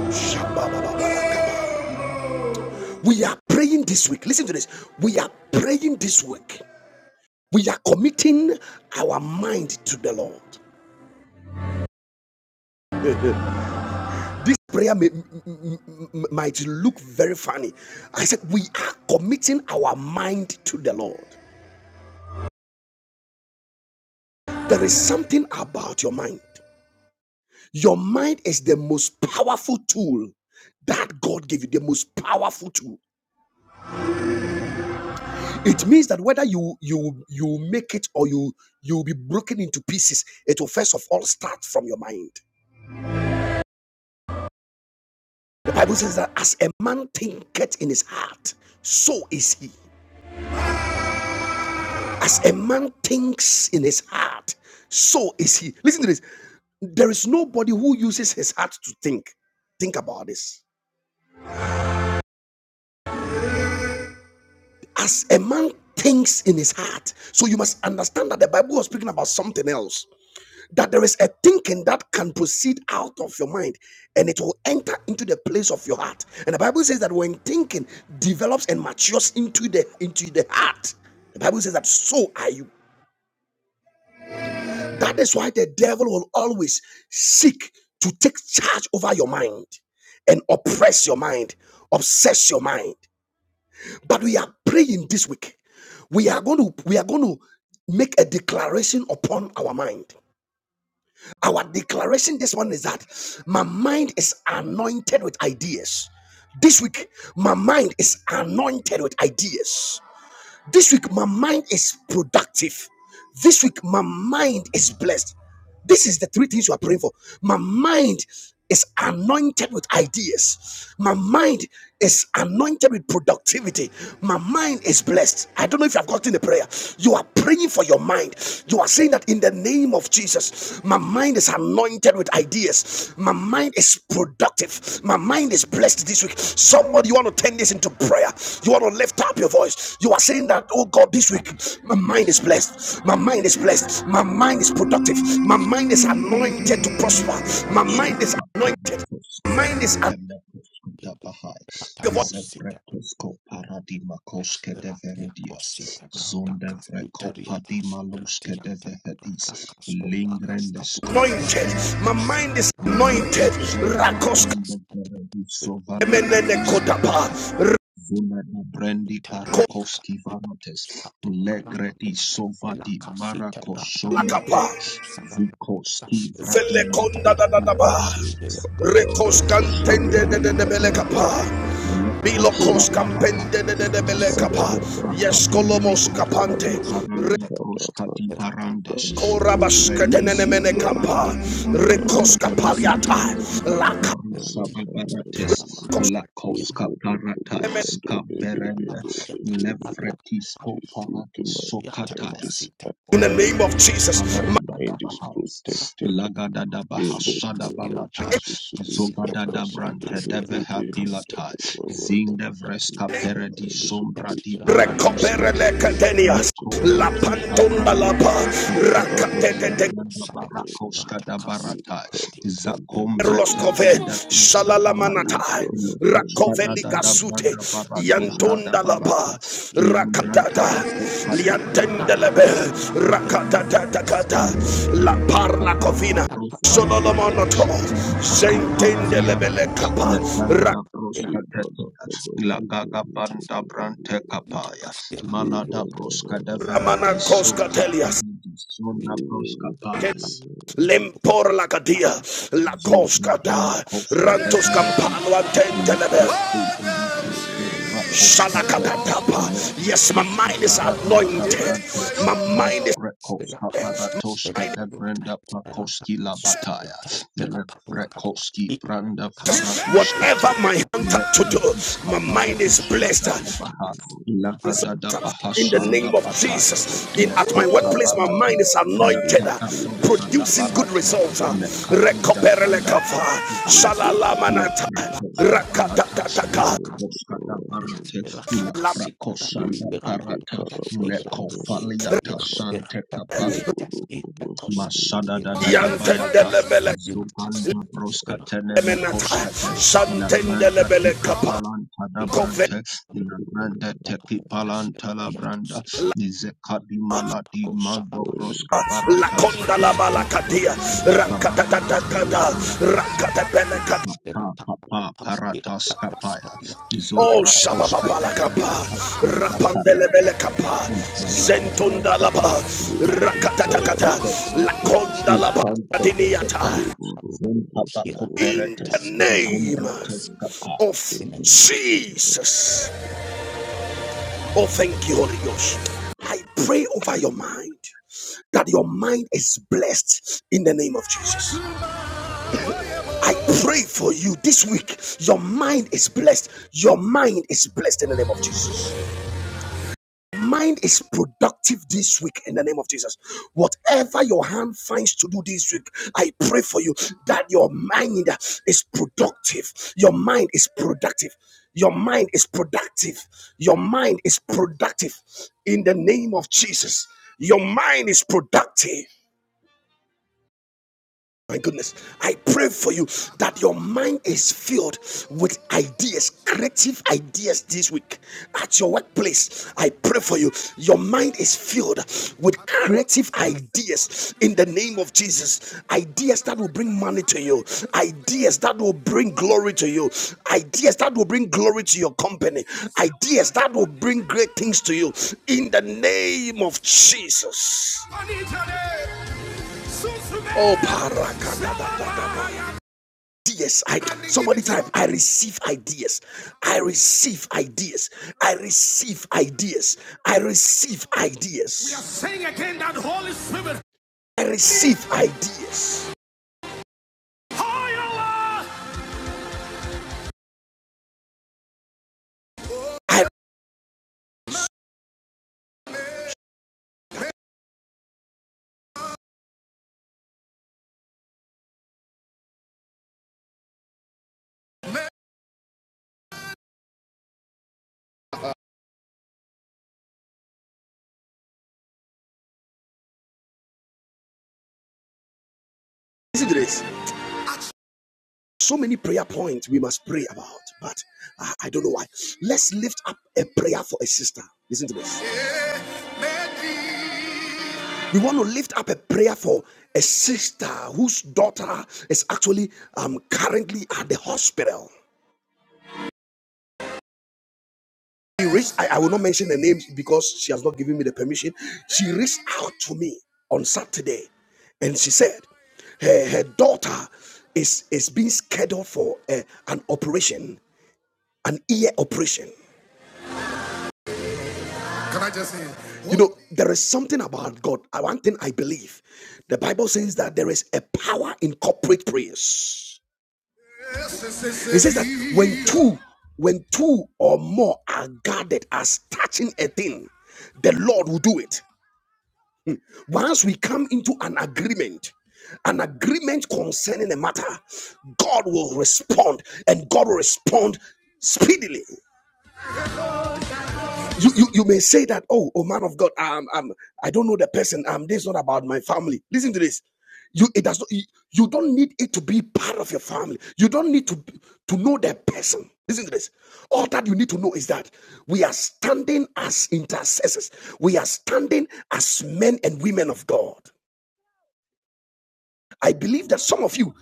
[SPEAKER 1] shabba we are praying this week listen to this we are praying this week we are committing our mind to the lord This prayer may, might look very funny. I said, We are committing our mind to the Lord. There is something about your mind. Your mind is the most powerful tool that God gave you, the most powerful tool. It means that whether you you you make it or you you'll be broken into pieces, it will first of all start from your mind. The Bible says that as a man thinketh in his heart, so is he. As a man thinks in his heart, so is he. Listen to this. There is nobody who uses his heart to think. Think about this. As a man thinks in his heart, so you must understand that the Bible was speaking about something else. That there is a thinking that can proceed out of your mind and it will enter into the place of your heart. And the Bible says that when thinking develops and matures into the into the heart, the Bible says that so are you. That is why the devil will always seek to take charge over your mind and oppress your mind, obsess your mind. But we are praying this week. We are going to we are going to make a declaration upon our mind. Our declaration this one is that my mind is anointed with ideas. This week, my mind is anointed with ideas. This week, my mind is productive. This week, my mind is blessed. This is the three things you are praying for. My mind is anointed with ideas. My mind is anointed with productivity. My mind is blessed. I don't know if you have gotten the prayer. You are praying for your mind. You are saying that in the name of Jesus. My mind is anointed with ideas. My mind is productive. My mind is blessed this week. Somebody, you want to turn this into prayer. You want to lift up your voice. You are saying that, oh God,
[SPEAKER 2] Jesus.
[SPEAKER 1] this week,
[SPEAKER 2] Abanda.
[SPEAKER 1] my mind
[SPEAKER 2] It's
[SPEAKER 1] is
[SPEAKER 2] the-
[SPEAKER 1] blessed. My mind is
[SPEAKER 2] Abanda.
[SPEAKER 1] blessed. My mind is productive. My mind is anointed
[SPEAKER 2] Abanda.
[SPEAKER 1] to prosper.
[SPEAKER 2] Abanda.
[SPEAKER 1] My mind is anointed. My mind is anointed.
[SPEAKER 2] Abanda. Abanda.
[SPEAKER 3] Zevretosko paradima koske de
[SPEAKER 2] Ratia
[SPEAKER 3] veredias,
[SPEAKER 2] cosita branta
[SPEAKER 3] zonde vreco
[SPEAKER 2] casitariata,
[SPEAKER 3] padima luske de
[SPEAKER 2] ratianta
[SPEAKER 3] vehedis,
[SPEAKER 2] branta casco pagas
[SPEAKER 3] lingrendesko
[SPEAKER 2] catuata, la
[SPEAKER 1] My mind
[SPEAKER 2] cosita
[SPEAKER 1] is
[SPEAKER 2] branta
[SPEAKER 3] Aliko
[SPEAKER 1] anointed.
[SPEAKER 2] irata
[SPEAKER 3] Sherwa
[SPEAKER 2] para
[SPEAKER 1] Rakos
[SPEAKER 3] Kende
[SPEAKER 2] cascadiata,
[SPEAKER 3] Sovali
[SPEAKER 2] ratianta
[SPEAKER 1] kemenene
[SPEAKER 3] Adini
[SPEAKER 2] cosca
[SPEAKER 1] kodapa.
[SPEAKER 3] Mikapana Zuna na Brendi
[SPEAKER 2] peparatiata,
[SPEAKER 3] Parakovsky Vanates
[SPEAKER 2] scatu
[SPEAKER 3] Legredi
[SPEAKER 2] paracamuata, la
[SPEAKER 3] Sovadi
[SPEAKER 2] casita branta
[SPEAKER 3] Marakosonda
[SPEAKER 2] para la
[SPEAKER 3] Pa
[SPEAKER 1] Rakolakapa.
[SPEAKER 2] cosa da branta,
[SPEAKER 3] Vikoski Vradi
[SPEAKER 2] ratianta
[SPEAKER 1] Felekonda da da
[SPEAKER 3] Makoski
[SPEAKER 2] para
[SPEAKER 1] da ba.
[SPEAKER 4] This week,
[SPEAKER 3] Paradas
[SPEAKER 2] la
[SPEAKER 4] my
[SPEAKER 2] cosita
[SPEAKER 1] Rekos kantende de
[SPEAKER 3] Shatai
[SPEAKER 1] de de
[SPEAKER 2] branta,
[SPEAKER 1] belekapa.
[SPEAKER 3] Cooperative
[SPEAKER 2] la
[SPEAKER 3] Lepo
[SPEAKER 1] Bilokos
[SPEAKER 2] calabota,
[SPEAKER 3] Shababahai
[SPEAKER 1] kampende de de
[SPEAKER 2] la
[SPEAKER 1] de
[SPEAKER 3] Easy
[SPEAKER 1] belekapa.
[SPEAKER 2] casita
[SPEAKER 3] kovra
[SPEAKER 1] Yes
[SPEAKER 2] Thank
[SPEAKER 1] kolomos
[SPEAKER 3] Adinimiko Kadi
[SPEAKER 1] kapante.
[SPEAKER 3] Paranda Proskati Barandes
[SPEAKER 1] Rekorabas
[SPEAKER 3] Vreki
[SPEAKER 1] kedene mene
[SPEAKER 3] Soto
[SPEAKER 1] kapa.
[SPEAKER 3] Varandina
[SPEAKER 1] Rekos
[SPEAKER 3] Kaduska de
[SPEAKER 1] kapaliata.
[SPEAKER 3] Verantis
[SPEAKER 1] Lakos.
[SPEAKER 3] Varu Sababarates Lakoska Paratayas Kaberenda Levretis Koparadis
[SPEAKER 4] mind
[SPEAKER 3] Sokatayas
[SPEAKER 4] is
[SPEAKER 1] In
[SPEAKER 4] active,
[SPEAKER 1] the name of
[SPEAKER 3] då då då då då, Lågå Zogå
[SPEAKER 1] Jesus.
[SPEAKER 4] my
[SPEAKER 1] Ma-
[SPEAKER 4] mind is
[SPEAKER 3] Sadadadabahas.
[SPEAKER 4] protected.
[SPEAKER 3] Lagadadabahas.
[SPEAKER 4] In the name of
[SPEAKER 3] Shadabalatai.
[SPEAKER 4] Jesus, we cover Sunday, the
[SPEAKER 3] Zogadadabrantedeveha
[SPEAKER 4] baby, and the
[SPEAKER 3] pilatai.
[SPEAKER 4] other, blah, blah, blah.
[SPEAKER 3] Zindevreska peredi
[SPEAKER 4] And this is
[SPEAKER 3] sombra
[SPEAKER 4] pretty
[SPEAKER 3] di
[SPEAKER 4] in a high
[SPEAKER 1] Recopere
[SPEAKER 3] paraduskete.
[SPEAKER 1] le
[SPEAKER 4] level in the
[SPEAKER 1] cadenias.
[SPEAKER 4] mighty
[SPEAKER 3] Leko
[SPEAKER 4] name
[SPEAKER 1] La
[SPEAKER 4] of
[SPEAKER 3] prakita
[SPEAKER 4] Jesus.
[SPEAKER 2] you.
[SPEAKER 1] pantonda
[SPEAKER 3] branda
[SPEAKER 1] la pa.
[SPEAKER 4] And we
[SPEAKER 2] Thank
[SPEAKER 3] barakoska da da
[SPEAKER 4] cover
[SPEAKER 3] da da
[SPEAKER 4] Sunday,
[SPEAKER 3] branda
[SPEAKER 4] the baby,
[SPEAKER 3] barakoska da
[SPEAKER 4] we
[SPEAKER 3] barata.
[SPEAKER 4] cover Sunday,
[SPEAKER 3] Zakombre
[SPEAKER 4] the
[SPEAKER 1] Erloskove,
[SPEAKER 4] baby,
[SPEAKER 3] tevende uska balata.
[SPEAKER 4] we
[SPEAKER 1] Shalalamanata,
[SPEAKER 4] cover
[SPEAKER 3] Lekoska
[SPEAKER 4] Sunday,
[SPEAKER 3] da
[SPEAKER 4] the
[SPEAKER 1] Rakoveli
[SPEAKER 3] da da
[SPEAKER 4] baby,
[SPEAKER 1] Gasute,
[SPEAKER 3] branda
[SPEAKER 4] we
[SPEAKER 3] baratoska da
[SPEAKER 1] Yantonda
[SPEAKER 4] cover
[SPEAKER 3] balata.
[SPEAKER 1] Lapa,
[SPEAKER 3] Iambranta
[SPEAKER 1] Rakatata,
[SPEAKER 3] bakoska da
[SPEAKER 4] Sunday.
[SPEAKER 3] branda
[SPEAKER 1] Liantendelebe,
[SPEAKER 3] då.
[SPEAKER 1] Rakatata Takata, La
[SPEAKER 3] Mantanto
[SPEAKER 1] Parla
[SPEAKER 3] cabanda
[SPEAKER 1] Covina,
[SPEAKER 3] brusca barantes,
[SPEAKER 1] Sololomonoto,
[SPEAKER 3] canta capala
[SPEAKER 1] Zentendelebele
[SPEAKER 3] diantes,
[SPEAKER 1] Kappa, Ra-
[SPEAKER 3] lepanda brusca tetias, la gaga banda brante
[SPEAKER 4] Sunday,
[SPEAKER 3] capaya,
[SPEAKER 4] We
[SPEAKER 3] malada
[SPEAKER 4] will, will,
[SPEAKER 3] brusca
[SPEAKER 4] will,
[SPEAKER 3] de
[SPEAKER 4] will, will,
[SPEAKER 1] Ramana
[SPEAKER 4] will,
[SPEAKER 3] veradis, so
[SPEAKER 4] Father.
[SPEAKER 1] Koska Telias.
[SPEAKER 3] capelidis,
[SPEAKER 4] We
[SPEAKER 3] sona brusca paias.
[SPEAKER 1] Lempor la cadia, la
[SPEAKER 2] you.
[SPEAKER 1] cosca
[SPEAKER 3] Zobradi
[SPEAKER 1] da,
[SPEAKER 2] Yes,
[SPEAKER 3] Makovska
[SPEAKER 4] we
[SPEAKER 1] rantos
[SPEAKER 4] will,
[SPEAKER 3] Deberetis,
[SPEAKER 1] campano a
[SPEAKER 3] Lekoski Barata
[SPEAKER 4] we will,
[SPEAKER 3] Sovra Koskate,
[SPEAKER 1] Shalakapapapa. Yes, my
[SPEAKER 3] Lekretiska
[SPEAKER 1] mind is
[SPEAKER 3] Paraduska
[SPEAKER 1] anointed.
[SPEAKER 3] Brante,
[SPEAKER 1] My mind is
[SPEAKER 3] Lekrekoska Paratoska Devrenda Plakoski Labataya, Lekrekoski Branda Faraduskate,
[SPEAKER 1] Whatever my hand to do,
[SPEAKER 3] Lekrekiska
[SPEAKER 1] my mind is
[SPEAKER 3] Paradusa
[SPEAKER 1] blessed.
[SPEAKER 3] Databaha, Lagadada
[SPEAKER 1] In the
[SPEAKER 4] We
[SPEAKER 3] Bahasanda
[SPEAKER 1] name of
[SPEAKER 3] Bataya,
[SPEAKER 1] Jesus, in at my
[SPEAKER 3] Lekoska
[SPEAKER 1] workplace, my mind
[SPEAKER 4] will,
[SPEAKER 3] Balates,
[SPEAKER 1] is anointed, uh,
[SPEAKER 3] Lakata
[SPEAKER 4] We will,
[SPEAKER 3] Prosada
[SPEAKER 1] producing good
[SPEAKER 3] Balate,
[SPEAKER 1] results.
[SPEAKER 3] Le
[SPEAKER 1] uh.
[SPEAKER 3] Lekabuda branda
[SPEAKER 1] Rekoperelekava.
[SPEAKER 3] barakuska
[SPEAKER 4] We will,
[SPEAKER 1] Shalalamanata.
[SPEAKER 3] lebrakoska balata
[SPEAKER 4] We
[SPEAKER 1] Rakatataka.
[SPEAKER 4] will,
[SPEAKER 3] zakoska da
[SPEAKER 2] Thank
[SPEAKER 3] barate la
[SPEAKER 1] Lam-
[SPEAKER 3] frakosa
[SPEAKER 4] We
[SPEAKER 3] da parata Le lekofaliata sante kapa Masada da da da bayata
[SPEAKER 1] Yantendelebele-
[SPEAKER 3] zubanda broska teneme
[SPEAKER 1] Emenata.
[SPEAKER 3] koskete la granda
[SPEAKER 1] Shantendelebele-
[SPEAKER 3] tika
[SPEAKER 1] Kapa.
[SPEAKER 3] palanta da brante la granda teki palanta la branda izekadi maladi mango broska
[SPEAKER 1] La
[SPEAKER 3] barata
[SPEAKER 1] conda la
[SPEAKER 3] ya broska
[SPEAKER 1] balakatia,
[SPEAKER 3] barata stabana barata
[SPEAKER 1] rakatatakada,
[SPEAKER 3] stabana barata
[SPEAKER 1] rakatapelekata.
[SPEAKER 3] Sata papa parata skapaya
[SPEAKER 1] Oh,
[SPEAKER 3] zobra koska tevere
[SPEAKER 1] shabababakapa,
[SPEAKER 2] you.
[SPEAKER 3] kosanda
[SPEAKER 2] In the
[SPEAKER 3] parata
[SPEAKER 1] rapandelebelekapa,
[SPEAKER 3] Iparata
[SPEAKER 1] zentondalaba,
[SPEAKER 3] papaya, zakosta
[SPEAKER 1] rakatakata, la
[SPEAKER 3] pevete,
[SPEAKER 1] conda la
[SPEAKER 3] ipanto vete paya,
[SPEAKER 1] bakatiniata.
[SPEAKER 3] zompapa
[SPEAKER 1] In
[SPEAKER 3] coperates,
[SPEAKER 1] the name
[SPEAKER 3] zombretes capayas.
[SPEAKER 1] of
[SPEAKER 2] name
[SPEAKER 1] Jesus. Oh, thank you, Holy Ghost. I pray over your mind that your mind is blessed in the name of Jesus. I pray for you this week. Your mind is blessed. Your mind is blessed in the name of Jesus. Mind is productive this week in the name of Jesus. Whatever your hand finds to do this week, I pray for you that your mind is productive. Your mind is productive. Your mind is productive. Your mind is productive in the name of Jesus. Your mind is productive. My goodness, I pray for you that your mind is filled with ideas, creative ideas this week at your workplace. I pray for you, your mind is filled with creative ideas in the name of Jesus. Ideas that will bring money to you, ideas that will bring glory to you, ideas that will bring glory to your company, ideas that will bring great things to you in the name of Jesus. Oh, parakadabadaba. ideas. I somebody type. I receive ideas. I receive ideas. I receive ideas. I receive ideas. We are saying again that Holy Spirit. I receive ideas. I listen to this. So many prayer points we must pray about, but I, I don't know why. Let's lift up a prayer for a sister. Listen to this. We want to lift up a prayer for a sister whose daughter is actually um, currently at the hospital. She reached, I, I will not mention the name because she has not given me the permission. She reached out to me on Saturday and she said her, her daughter is, is being scheduled for uh, an operation, an ear operation. Can I just say, You know, there is something about God. Uh, One thing I believe. The Bible says that there is a power in corporate prayers. It says that when two, when two or more are gathered as touching a thing, the Lord will do it. Once we come into an agreement, an agreement concerning a matter, God will respond and God will respond speedily. You, you, you may say that, oh, oh man of God, I'm, I'm, I don't know the person. I'm this is not about my family. Listen to this. You, it does not, you don't need it to be part of your family. You don't need to, to know the person. Listen to this. All that you need to know is that we are standing as intercessors. We are standing as men and women of God. I believe that some of you,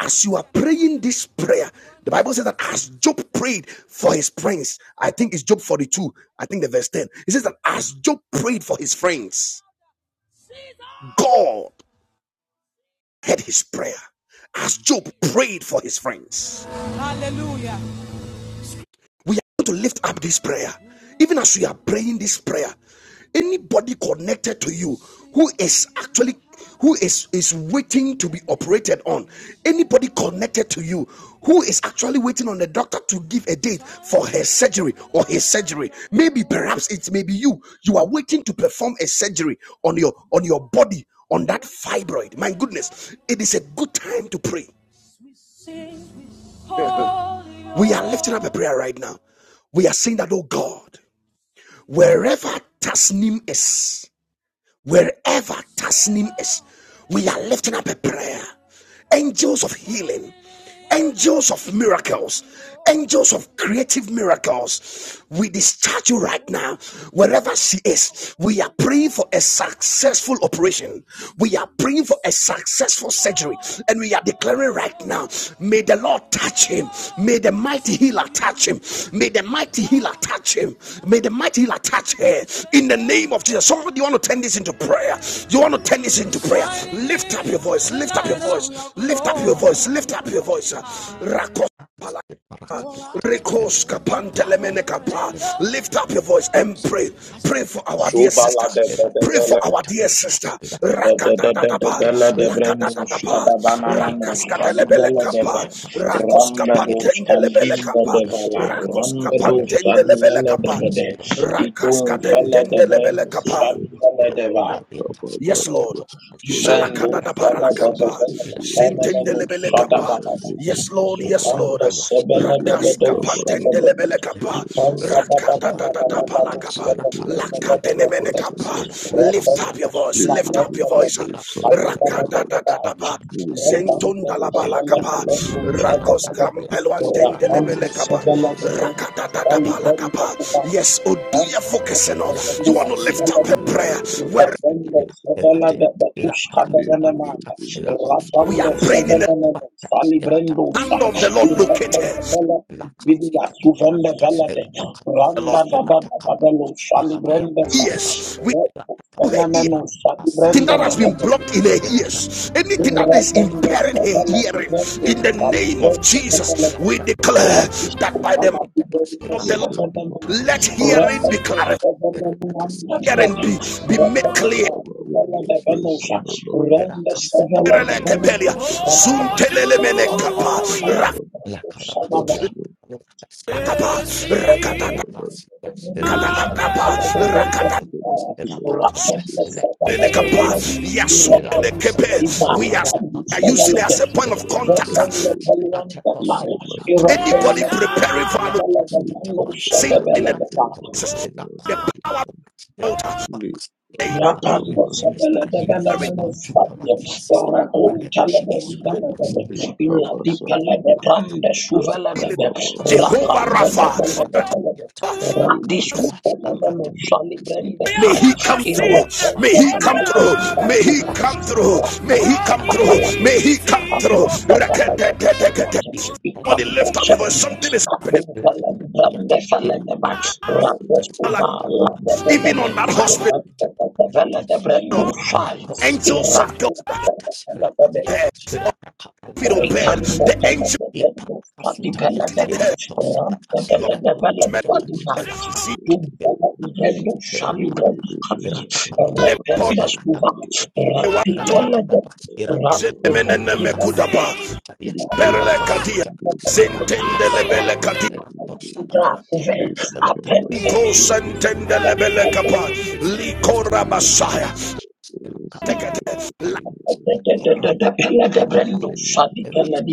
[SPEAKER 1] as you are praying this prayer, the Bible says that as Job prayed for his friends, I think it's Job 42, I think the verse 10. It says that as Job prayed for his friends, God heard his prayer. As Job prayed for his friends. We are going to lift up this prayer. Even as we are praying this prayer, anybody connected to you who is actually who is is waiting to be operated on, anybody connected to you who is actually waiting on the doctor to give a date for her surgery or his surgery, maybe perhaps it may be you. You are waiting to perform a surgery on your on your body on that fibroid. My goodness, it is a good time to pray. We are lifting up a prayer right now. We are saying that, oh God, wherever Tasnim is, wherever Tasnim is, we are lifting up a prayer. Angels of healing, angels of miracles, angels of creative miracles. We discharge you right now, wherever she is. We are praying for a successful operation. We are praying for a successful surgery surgery. And we are declaring right now, may the Lord touch him. May the mighty healer touch him. May the mighty healer touch him. May the mighty healer touch her. In the name of Jesus. Somebody want to turn this into prayer. You want to turn this into prayer. Lift up your voice. Lift up your voice. Lift up your voice. Lift up your voice. Rakos- Rikoska pantelemenekapa. Lift up your voice
[SPEAKER 2] of
[SPEAKER 1] and
[SPEAKER 2] Jesus.
[SPEAKER 1] pray.
[SPEAKER 2] Ilaka
[SPEAKER 1] Pray for our dear
[SPEAKER 5] Shubala
[SPEAKER 1] sister.
[SPEAKER 5] de
[SPEAKER 1] Pray for
[SPEAKER 5] Bedevele
[SPEAKER 1] our dear sister.
[SPEAKER 5] de de de de de
[SPEAKER 1] Rakatatapa.
[SPEAKER 5] Bele de Brendus
[SPEAKER 1] Lakatatapa.
[SPEAKER 5] Kadabana Manus Adibele de Ve
[SPEAKER 1] Rakaskatelebelekapa. Rakoska
[SPEAKER 5] Rambedus Kandimbe
[SPEAKER 1] pantendelebelekapa.
[SPEAKER 5] de Vela
[SPEAKER 1] Rakoska
[SPEAKER 5] Rambedus Adivele de
[SPEAKER 1] pantendelebelekapa.
[SPEAKER 5] Bede Ikun Fele de Brendus
[SPEAKER 1] Rakaskatendelebelekapa.
[SPEAKER 5] Adivele de Va
[SPEAKER 1] Yes, Lord.
[SPEAKER 4] Lord, we
[SPEAKER 5] Ibrando
[SPEAKER 1] Shalakada da
[SPEAKER 4] dedicate
[SPEAKER 5] fala
[SPEAKER 4] our
[SPEAKER 5] bada
[SPEAKER 1] paralakapa.
[SPEAKER 4] system
[SPEAKER 5] bada
[SPEAKER 4] to your
[SPEAKER 5] fala
[SPEAKER 4] hands,
[SPEAKER 5] menu
[SPEAKER 4] Lord,
[SPEAKER 1] Sintendelebele
[SPEAKER 5] fada
[SPEAKER 4] cover us
[SPEAKER 1] kapa.
[SPEAKER 5] bada
[SPEAKER 4] under
[SPEAKER 5] bada.
[SPEAKER 4] the
[SPEAKER 1] Yes,
[SPEAKER 4] blood of the
[SPEAKER 1] Lord. Yes,
[SPEAKER 4] Lamb.
[SPEAKER 1] Lord.
[SPEAKER 5] Zukanta sebele de
[SPEAKER 1] Rakas
[SPEAKER 5] bedo fada
[SPEAKER 4] Lord,
[SPEAKER 5] bada.
[SPEAKER 4] we
[SPEAKER 1] kapantendelebele
[SPEAKER 4] dedicate
[SPEAKER 1] kapa.
[SPEAKER 4] our
[SPEAKER 5] Ikan
[SPEAKER 4] Lord,
[SPEAKER 5] bada bada
[SPEAKER 1] Rakata da da
[SPEAKER 5] bada
[SPEAKER 1] da
[SPEAKER 5] bada bada
[SPEAKER 1] palakapa.
[SPEAKER 5] fada bada bada
[SPEAKER 1] Lakatenemene
[SPEAKER 5] bada bada.
[SPEAKER 1] kapa. Lift up
[SPEAKER 5] Rapanda
[SPEAKER 1] your voice.
[SPEAKER 5] sula
[SPEAKER 1] Lift up your
[SPEAKER 5] rapanda bada
[SPEAKER 1] voice.
[SPEAKER 5] fada bada
[SPEAKER 1] Rakata
[SPEAKER 5] bada
[SPEAKER 1] da da da
[SPEAKER 5] bada.
[SPEAKER 1] Rakatatata
[SPEAKER 5] Rapanda
[SPEAKER 1] Zentonda la bala
[SPEAKER 5] sebele de
[SPEAKER 1] kapa,
[SPEAKER 5] bedo fada
[SPEAKER 1] rakos
[SPEAKER 5] bada bada.
[SPEAKER 1] kampeluantende
[SPEAKER 5] Rapanda
[SPEAKER 1] lebele
[SPEAKER 5] sebele de
[SPEAKER 2] Era
[SPEAKER 5] bedo
[SPEAKER 1] Rakata da da
[SPEAKER 5] fali bada
[SPEAKER 1] kapa.
[SPEAKER 5] bada bada.
[SPEAKER 1] Yes, Oduya focuseno. You want to lift up a prayer where? We are praying in the hand of the Lord Locate her. The Lord ears. We do her ear.
[SPEAKER 5] Fenomeno,
[SPEAKER 1] Anything that has been
[SPEAKER 5] Salibrenda,
[SPEAKER 1] blocked in her ears, anything that is
[SPEAKER 5] Rapendo
[SPEAKER 1] impairing her
[SPEAKER 5] Savala
[SPEAKER 1] hearing,
[SPEAKER 5] Bendo
[SPEAKER 1] in the
[SPEAKER 5] Sali
[SPEAKER 1] name of
[SPEAKER 5] Bendo Savala
[SPEAKER 1] Jesus, we declare
[SPEAKER 2] Era
[SPEAKER 1] that
[SPEAKER 5] Rapisto
[SPEAKER 1] by the
[SPEAKER 5] Pala
[SPEAKER 1] hand
[SPEAKER 5] Bendo
[SPEAKER 1] of the Lord,
[SPEAKER 2] Thank
[SPEAKER 5] Savala
[SPEAKER 1] let hearing be
[SPEAKER 5] Rapendo
[SPEAKER 1] clarified,
[SPEAKER 5] Savala Manda
[SPEAKER 1] hearing be, be
[SPEAKER 5] Plata
[SPEAKER 1] made
[SPEAKER 4] Something
[SPEAKER 5] Rapendo
[SPEAKER 4] that
[SPEAKER 1] clear.
[SPEAKER 4] Baba will not
[SPEAKER 5] Savala
[SPEAKER 4] praise in
[SPEAKER 5] Benosha
[SPEAKER 4] the Lord.
[SPEAKER 5] Renda
[SPEAKER 4] You go
[SPEAKER 5] Savala
[SPEAKER 4] in on the
[SPEAKER 1] Erelekebelia,
[SPEAKER 5] Bendo
[SPEAKER 4] praise the mighty
[SPEAKER 5] Savala
[SPEAKER 4] name of Jesus. I
[SPEAKER 1] zuntelelemene
[SPEAKER 4] cover
[SPEAKER 5] Rapendo
[SPEAKER 1] kapa,
[SPEAKER 2] you.
[SPEAKER 4] upon me, Lord.
[SPEAKER 2] La Calaba,
[SPEAKER 5] Savala
[SPEAKER 4] Let
[SPEAKER 2] Hila,
[SPEAKER 5] Benosha
[SPEAKER 4] your
[SPEAKER 1] rakatapa,
[SPEAKER 2] Lecoset,
[SPEAKER 4] physicians,
[SPEAKER 5] Iraqan
[SPEAKER 4] O
[SPEAKER 2] Hila
[SPEAKER 4] Lord, that
[SPEAKER 2] Nasita, Hila
[SPEAKER 4] Oh,
[SPEAKER 1] rakatatakatakapa,
[SPEAKER 4] son,
[SPEAKER 2] Capapaliata, Hila
[SPEAKER 4] brothers,
[SPEAKER 1] rakatata-
[SPEAKER 4] in the
[SPEAKER 2] Camus,
[SPEAKER 4] mighty
[SPEAKER 2] Hila
[SPEAKER 4] name of
[SPEAKER 2] Paduata,
[SPEAKER 4] Jesus.
[SPEAKER 1] We are
[SPEAKER 2] Lecosita,
[SPEAKER 4] Oh, and
[SPEAKER 2] Hila
[SPEAKER 4] that's supposed to be
[SPEAKER 2] Casadabas, Hila
[SPEAKER 4] correct. We
[SPEAKER 2] Pacota,
[SPEAKER 4] pray
[SPEAKER 1] using
[SPEAKER 4] that
[SPEAKER 1] it as
[SPEAKER 4] it
[SPEAKER 1] a point
[SPEAKER 4] is
[SPEAKER 2] Hila
[SPEAKER 1] of
[SPEAKER 4] standing the
[SPEAKER 1] contact.
[SPEAKER 2] Castilata,
[SPEAKER 4] spirit
[SPEAKER 2] Hila
[SPEAKER 4] in the
[SPEAKER 2] Tecosita,
[SPEAKER 4] mighty name of
[SPEAKER 1] Anybody
[SPEAKER 2] Paracadosariata,
[SPEAKER 4] Jesus.
[SPEAKER 1] preparing for an
[SPEAKER 4] Make
[SPEAKER 2] Elecosita,
[SPEAKER 4] our
[SPEAKER 1] sin
[SPEAKER 2] Hila
[SPEAKER 4] son,
[SPEAKER 1] in the
[SPEAKER 2] Tianta,
[SPEAKER 1] Jesus,
[SPEAKER 2] Hila
[SPEAKER 1] the
[SPEAKER 2] Copanta,
[SPEAKER 1] power of the
[SPEAKER 2] Hila
[SPEAKER 4] Make
[SPEAKER 2] Copas.
[SPEAKER 4] our
[SPEAKER 2] Father,
[SPEAKER 5] Rakanda
[SPEAKER 2] we
[SPEAKER 4] Father,
[SPEAKER 2] minister
[SPEAKER 4] the
[SPEAKER 2] healing
[SPEAKER 4] son,
[SPEAKER 2] unto our dear sister,
[SPEAKER 4] Make it, it,
[SPEAKER 2] wherever
[SPEAKER 4] it,
[SPEAKER 2] she
[SPEAKER 4] it,
[SPEAKER 2] is right
[SPEAKER 4] it,
[SPEAKER 2] now.
[SPEAKER 4] it, Kaba
[SPEAKER 2] Let
[SPEAKER 4] Sunday, Rakaba Baba
[SPEAKER 1] Jehovah
[SPEAKER 4] Baba Baba
[SPEAKER 1] Rapha,
[SPEAKER 4] Baba, Libro,
[SPEAKER 1] may he come through, may he
[SPEAKER 4] Please
[SPEAKER 1] come through,
[SPEAKER 4] help us
[SPEAKER 1] may
[SPEAKER 4] and
[SPEAKER 1] he come
[SPEAKER 4] deliver us
[SPEAKER 1] through, may he come
[SPEAKER 4] from
[SPEAKER 1] through,
[SPEAKER 4] evil.
[SPEAKER 1] may he come
[SPEAKER 5] Thank
[SPEAKER 1] through. Rakadadadakada. Somebody lift up your voice, something is happening.
[SPEAKER 4] Please help us
[SPEAKER 1] Like,
[SPEAKER 4] and
[SPEAKER 2] Yes,
[SPEAKER 1] Even on that
[SPEAKER 4] deliver us.
[SPEAKER 1] hospital, angels of God. feet of The angel did her name of
[SPEAKER 4] Please
[SPEAKER 1] men.
[SPEAKER 4] help us and
[SPEAKER 1] See
[SPEAKER 4] deliver us. Please
[SPEAKER 1] lepor waton zelemene
[SPEAKER 5] you.
[SPEAKER 1] mekudapa. Perle kadia.
[SPEAKER 5] Thank
[SPEAKER 1] Sentende lebele kadia.
[SPEAKER 4] help us and
[SPEAKER 1] Ko sentende
[SPEAKER 4] deliver
[SPEAKER 1] kapa.
[SPEAKER 2] Rata
[SPEAKER 1] Likora basaya.
[SPEAKER 2] Thank
[SPEAKER 1] Tekete. La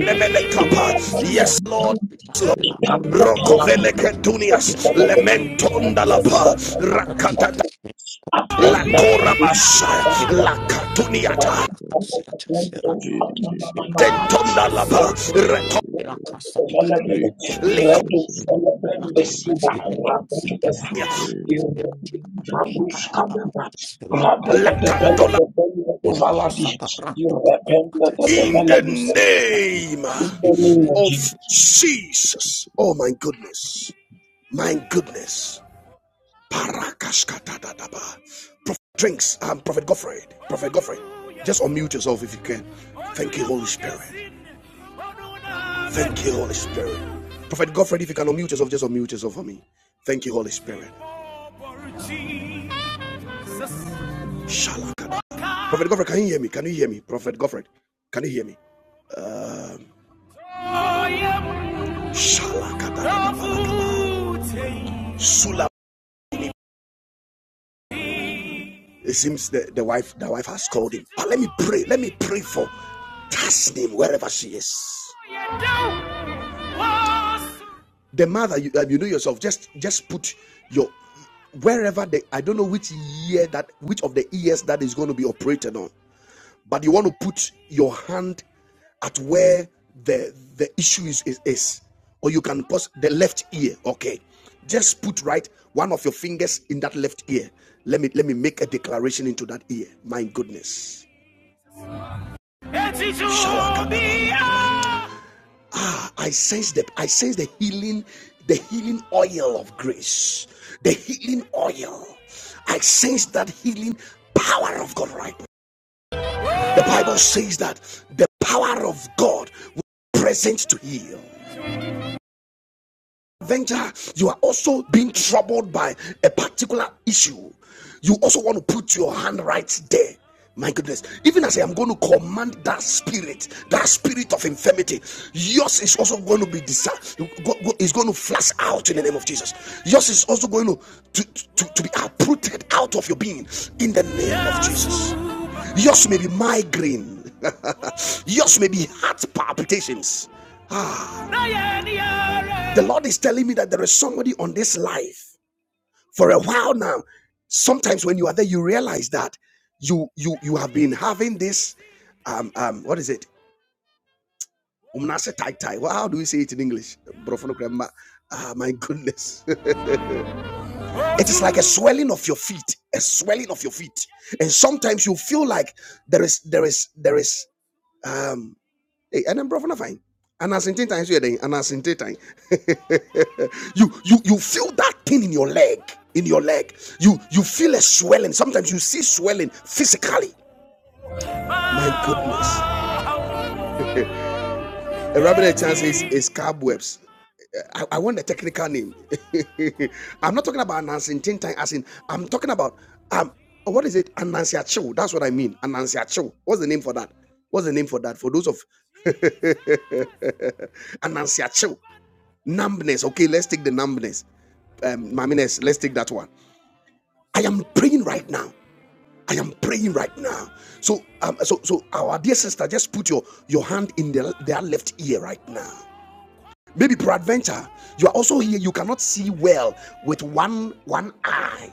[SPEAKER 1] lebele kapa. Yes, Lord. Yes, Lord. Rokovele ketunias. Lementonda lapa.
[SPEAKER 5] you.
[SPEAKER 1] Rakatata. La
[SPEAKER 5] Apelle police in the
[SPEAKER 1] Korabasha, La Katuniata,
[SPEAKER 4] us. Jesus.
[SPEAKER 2] you. Le cosa parante le
[SPEAKER 1] in the
[SPEAKER 2] cosita gratia
[SPEAKER 1] name
[SPEAKER 2] in the
[SPEAKER 5] name
[SPEAKER 2] name
[SPEAKER 5] of
[SPEAKER 2] of
[SPEAKER 1] of
[SPEAKER 2] Jesus.
[SPEAKER 5] Jesus.
[SPEAKER 1] Jesus. Oh my goodness, my goodness. Parakashkatadadaba. Prophet Drinks, um, Prophet Godfrey, Prophet Godfrey, just unmute yourself if you can. Thank you, Holy Spirit. Thank you, Holy Spirit. Prophet Godfrey, if you can unmute yourself, just unmute yourself for me. Thank you, Holy Spirit. Shalakada. Prophet Godfrey, can you hear me? Can you hear me? Prophet Godfrey, can you hear me? Um, Shalakada. Sula. It seems the, the wife the wife has called him. But let me pray. Let me pray for Tasnim wherever she is. The mother, you, uh, you know yourself. Just just put your wherever the I don't know which year that which of the ears that is going to be operated on. but you want to put your hand at where the the issue is, is is. or you can pause the left ear okay just put right one of your fingers in that left ear let me let me make a declaration into that ear my goodness ah i sense the i sense the healing the healing oil of grace the healing oil i sense that healing power of god right The Bible says that the power of God was present to heal venture, you are also being troubled by a particular issue. You also want to put your hand right there. My goodness, even as I am going to command that spirit, that spirit of infirmity, yours is also going to be disa- is going to flash out in the name of Jesus. Yours is also going to, to, to, to be uprooted out of your being in the name of Jesus. Yours may be migraine, yours may be heart palpitations. The Lord is telling me that there is somebody on this life for a while now. Sometimes when you are there, you realize that you you you have been having this um um what is it? Umnase tai tai. Well, how do we say it in English? Ah, my goodness. it is like a swelling of your feet, a swelling of your feet. And sometimes you feel like there is there is there is Hey, and I'm brother na fine. And as in ten times you are and as in ten times, you you you feel that thing in your leg, in your leg. You you feel a swelling. Sometimes you see swelling physically. My goodness. A rabbit chance is, is cobwebs. I, I want the technical name. I'm not talking about announcing tin as in I'm talking about um what is it? Anansia Chill. That's what I mean. Anansia Chill. What's the name for that? What's the name for that? For those of Anansia Chill. Numbness. Okay, let's take the numbness. Um, Mamines, let's take that one. I am praying right now. I am praying right now. So, um, so, so, our dear sister, just put your your hand in the, their left ear right now. Maybe peradventure, you are also here. You cannot see well with one one eye.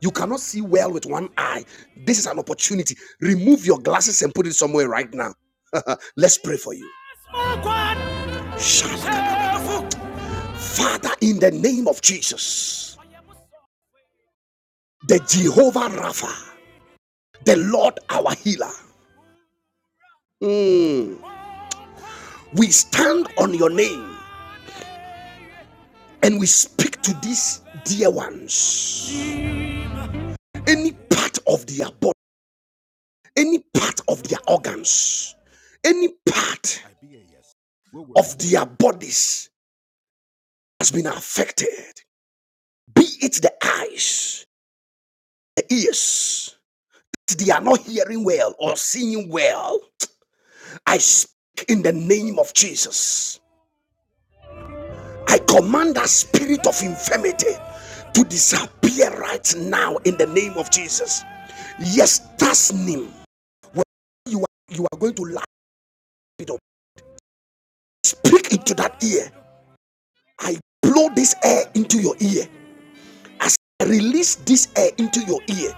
[SPEAKER 1] You cannot see well with one eye. This is an opportunity. Remove your glasses and put it somewhere right now. Let's pray for you. Shabbat. Father, in the name of Jesus, the Jehovah Rapha, the Lord our healer, mm, we stand on your name and we speak to these dear ones. Any part of their body, any part of their organs, any part of their bodies has been affected, be it the eyes, the ears, they are not hearing well or seeing well. I speak in the name of Jesus. I command that spirit of infirmity to disappear right now in the name of Jesus. Yes, Tasnim, you are, you are going to laugh it up. Speak into that ear. I blow this air into your ear. As I release this air into your ear,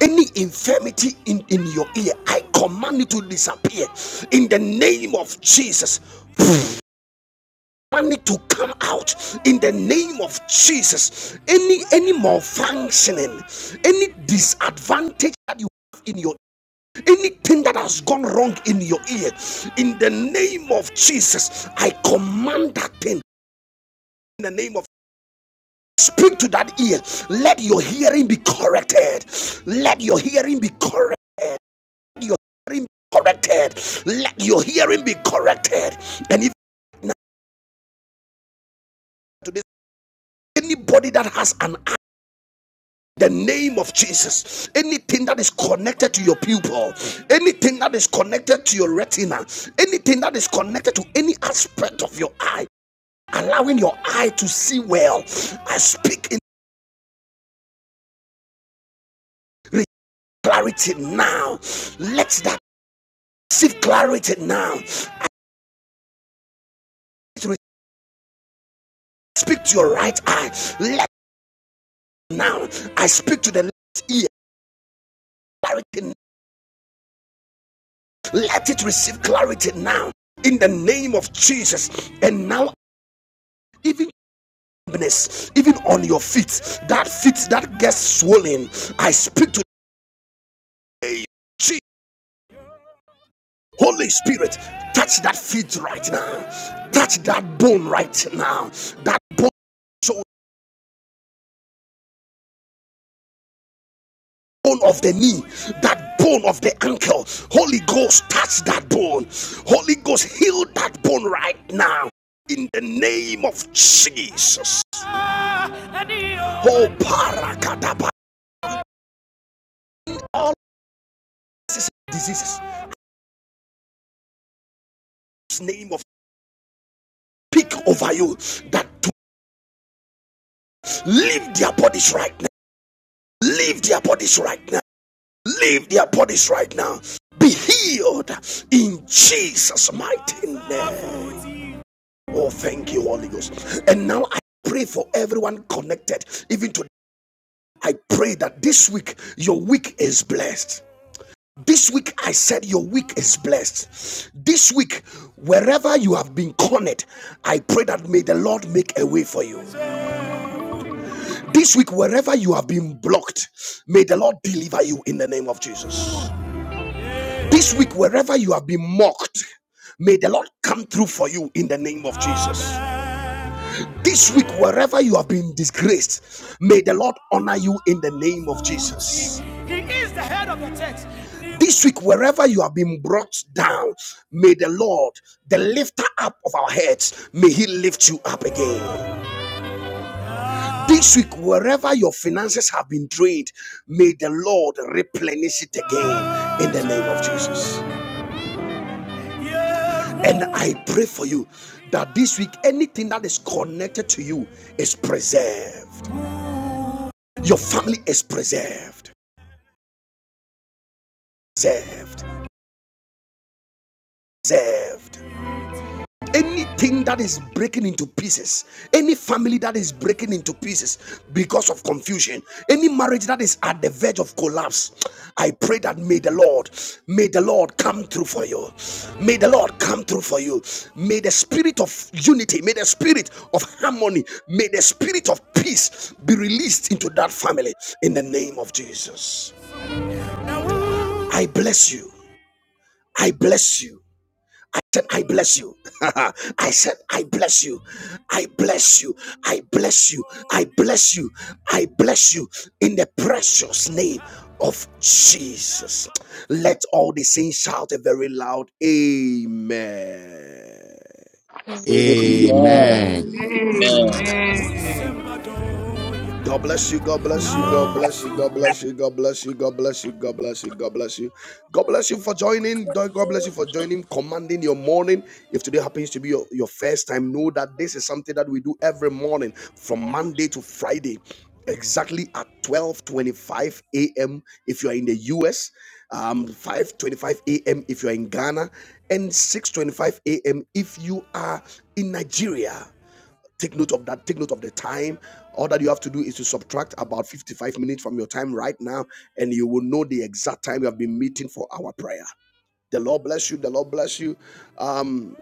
[SPEAKER 1] any infirmity in, in your ear, I command it to disappear in the name of Jesus. money to come out in the name of Jesus. Any any malfunctioning, any disadvantage that you have in your anything that has gone wrong in your ear, in the name of Jesus, I command that thing in the name of speak to that ear. Let your hearing be corrected. Let your hearing be corrected. Your hearing be corrected. Let your hearing be corrected. And if now to anybody that has an the name of Jesus. Anything that is connected to your pupil, anything that is connected to your retina, anything that is connected to any aspect of your eye, allowing your eye to see well. I speak in clarity now. Let that receive clarity now. Speak to your right eye. Let now. I speak to the left ear. Clarity. Let it receive clarity now. In the name of Jesus. And now, even even on your feet. That feet that gets swollen, I speak to Jesus. Holy Spirit, touch that feet right now. Touch that bone right now. That bone, so bone of the knee, that bone of the ankle. Holy Ghost, touch that bone. Holy Ghost, heal that bone right now. In the name of Jesus. Oh, parakadaba. All diseases, diseases. Name of speak over you that Leave their bodies right now. Leave their bodies right now. Leave their bodies right now. Be healed in Jesus' mighty name. Oh, thank you, Holy Ghost. And now I pray for everyone connected, even today. I pray that this week your week is blessed. This week, I said your week is blessed. This week, wherever you have been cornered, I pray that may the Lord make a way for you. This week, wherever you have been blocked, may the Lord deliver you in the name of Jesus. This week, wherever you have been mocked, may the Lord come through for you in the name of Jesus. This week, wherever you have been disgraced, may the Lord honor you in the name of Jesus. He is the head of the church. This week, wherever you have been brought down, may the Lord, the lifter up of our heads, may He lift you up again. This week, wherever your finances have been drained, may the Lord replenish it again in the name of Jesus. And I pray for you that this week, anything that is connected to you is preserved. Your family is preserved, preserved, preserved. anything that is breaking into pieces any family that is breaking into pieces because of confusion any marriage that is at the verge of collapse i pray that may the lord may the lord come through for you may the lord come through for you may the spirit of unity may the spirit of harmony may the spirit of peace be released into that family in the name of jesus i bless you i bless you said, I bless you. I said, I bless you. I bless you. I bless you. I bless you. I bless you in the precious name of Jesus. Let all the saints shout a very loud Amen.
[SPEAKER 6] Mm.
[SPEAKER 5] Amen.
[SPEAKER 2] Amen.
[SPEAKER 4] Amen.
[SPEAKER 7] Amen.
[SPEAKER 5] Amen.
[SPEAKER 8] Amen.
[SPEAKER 1] God bless you. God bless you.
[SPEAKER 9] Amen.
[SPEAKER 1] God bless you. God bless you. God bless you. God bless you. God bless you. God bless you. God bless you for joining. God bless you for joining, commanding your morning. If today happens to be your, your first time, know that this is something that we do every morning from Monday to Friday, exactly at 12:25 a.m. if you are in the US, um, 5:25 a.m. if you are in Ghana, and 6:25 a.m. if you are in Nigeria. Take note of that. Take note of the time. All that you have to do is to subtract about 55 minutes from your time right now, and you will know the exact time you have been meeting for our prayer. The Lord bless you. The Lord bless you. Um,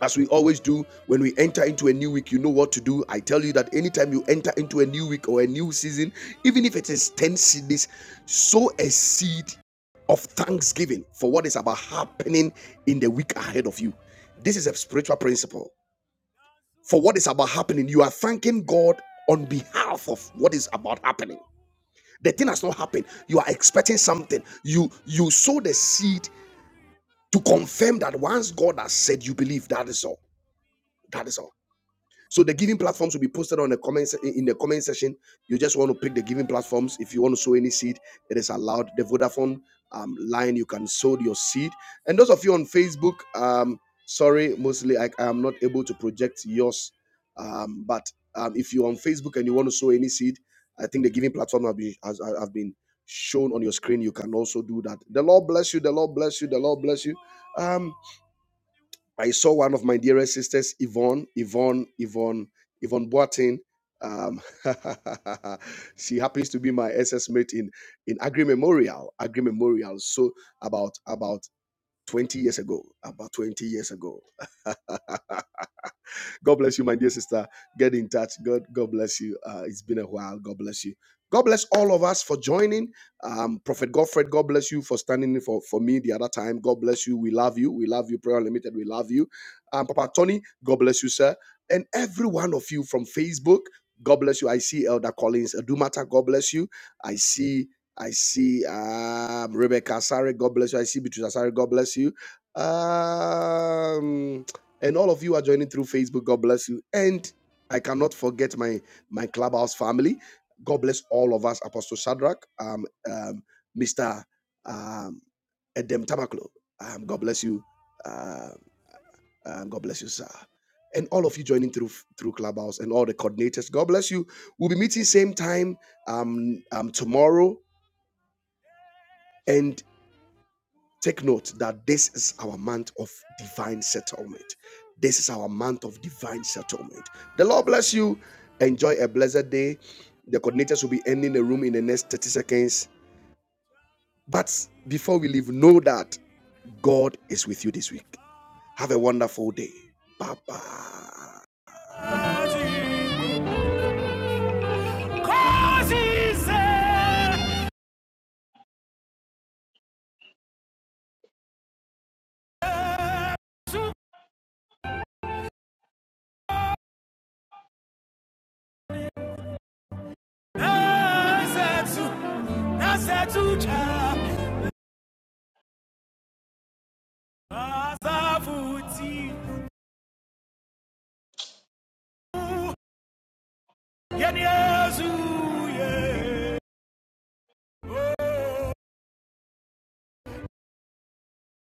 [SPEAKER 1] as we always do, when we enter into a new week, you know what to do. I tell you that anytime you enter into a new week or a new season, even if it is 10 cities, sow a seed of thanksgiving for what is about happening in the week ahead of you. This is a spiritual principle for what is about happening. You are thanking God on behalf of what is about happening. The thing has not happened. You are expecting something. You you sow the seed to confirm that once God has said you believe, that is all. That is all. So the giving platforms will be posted on the comment se- in the comment section. You just want to pick the giving platforms. If you want to sow any seed, it is allowed. The Vodafone um, line, you can sow your seed. And those of you on Facebook, um, sorry, mostly I, I am not able to project yours. Um, but um, if you're on Facebook and you want to sow any seed, I think the giving platform have been has, have been shown on your screen. You can also do that. The Lord bless you. The Lord bless you. The Lord bless you. Um. I saw one of my dearest sisters, Yvonne, Yvonne, Yvonne, Yvonne Boatin. Um, she happens to be my SS mate in in Agri Memorial, Agri Memorial. So about about 20 years ago, about 20 years ago. God bless you, my dear sister. Get in touch. God, God bless you. Uh, it's been a while. God bless you. God bless all of us for joining. Um, Prophet Godfred, God bless you for standing in for, for me the other time. God bless you. We love you. We love you. Prayer Unlimited. we love you. Um, Papa Tony, God bless you, sir. And every one of you from Facebook, God bless you. I see Elder Collins Adumata, God bless you. I see, I see um, Rebecca Asare, God bless you. I see Beatrice Asare, God bless you. Um, and all of you are joining through Facebook. God bless you. And I cannot forget my my clubhouse family. God bless all of us, Apostle Shadrach, um, um, Mr. Um, Edem Tamaklo. Um, God bless you. Um, um, God bless you, sir. And all of you joining through through Clubhouse and all the coordinators. God bless you. We'll be meeting same time um, um, tomorrow. And Take note that this is our month of divine settlement. This is our month of divine settlement. The Lord bless you. Enjoy a blessed day. The coordinators will be ending the room in the next 30 seconds. But before we leave, know that God is with you this week. Have a wonderful day. Bye bye. azavuti yeni yezu ye oh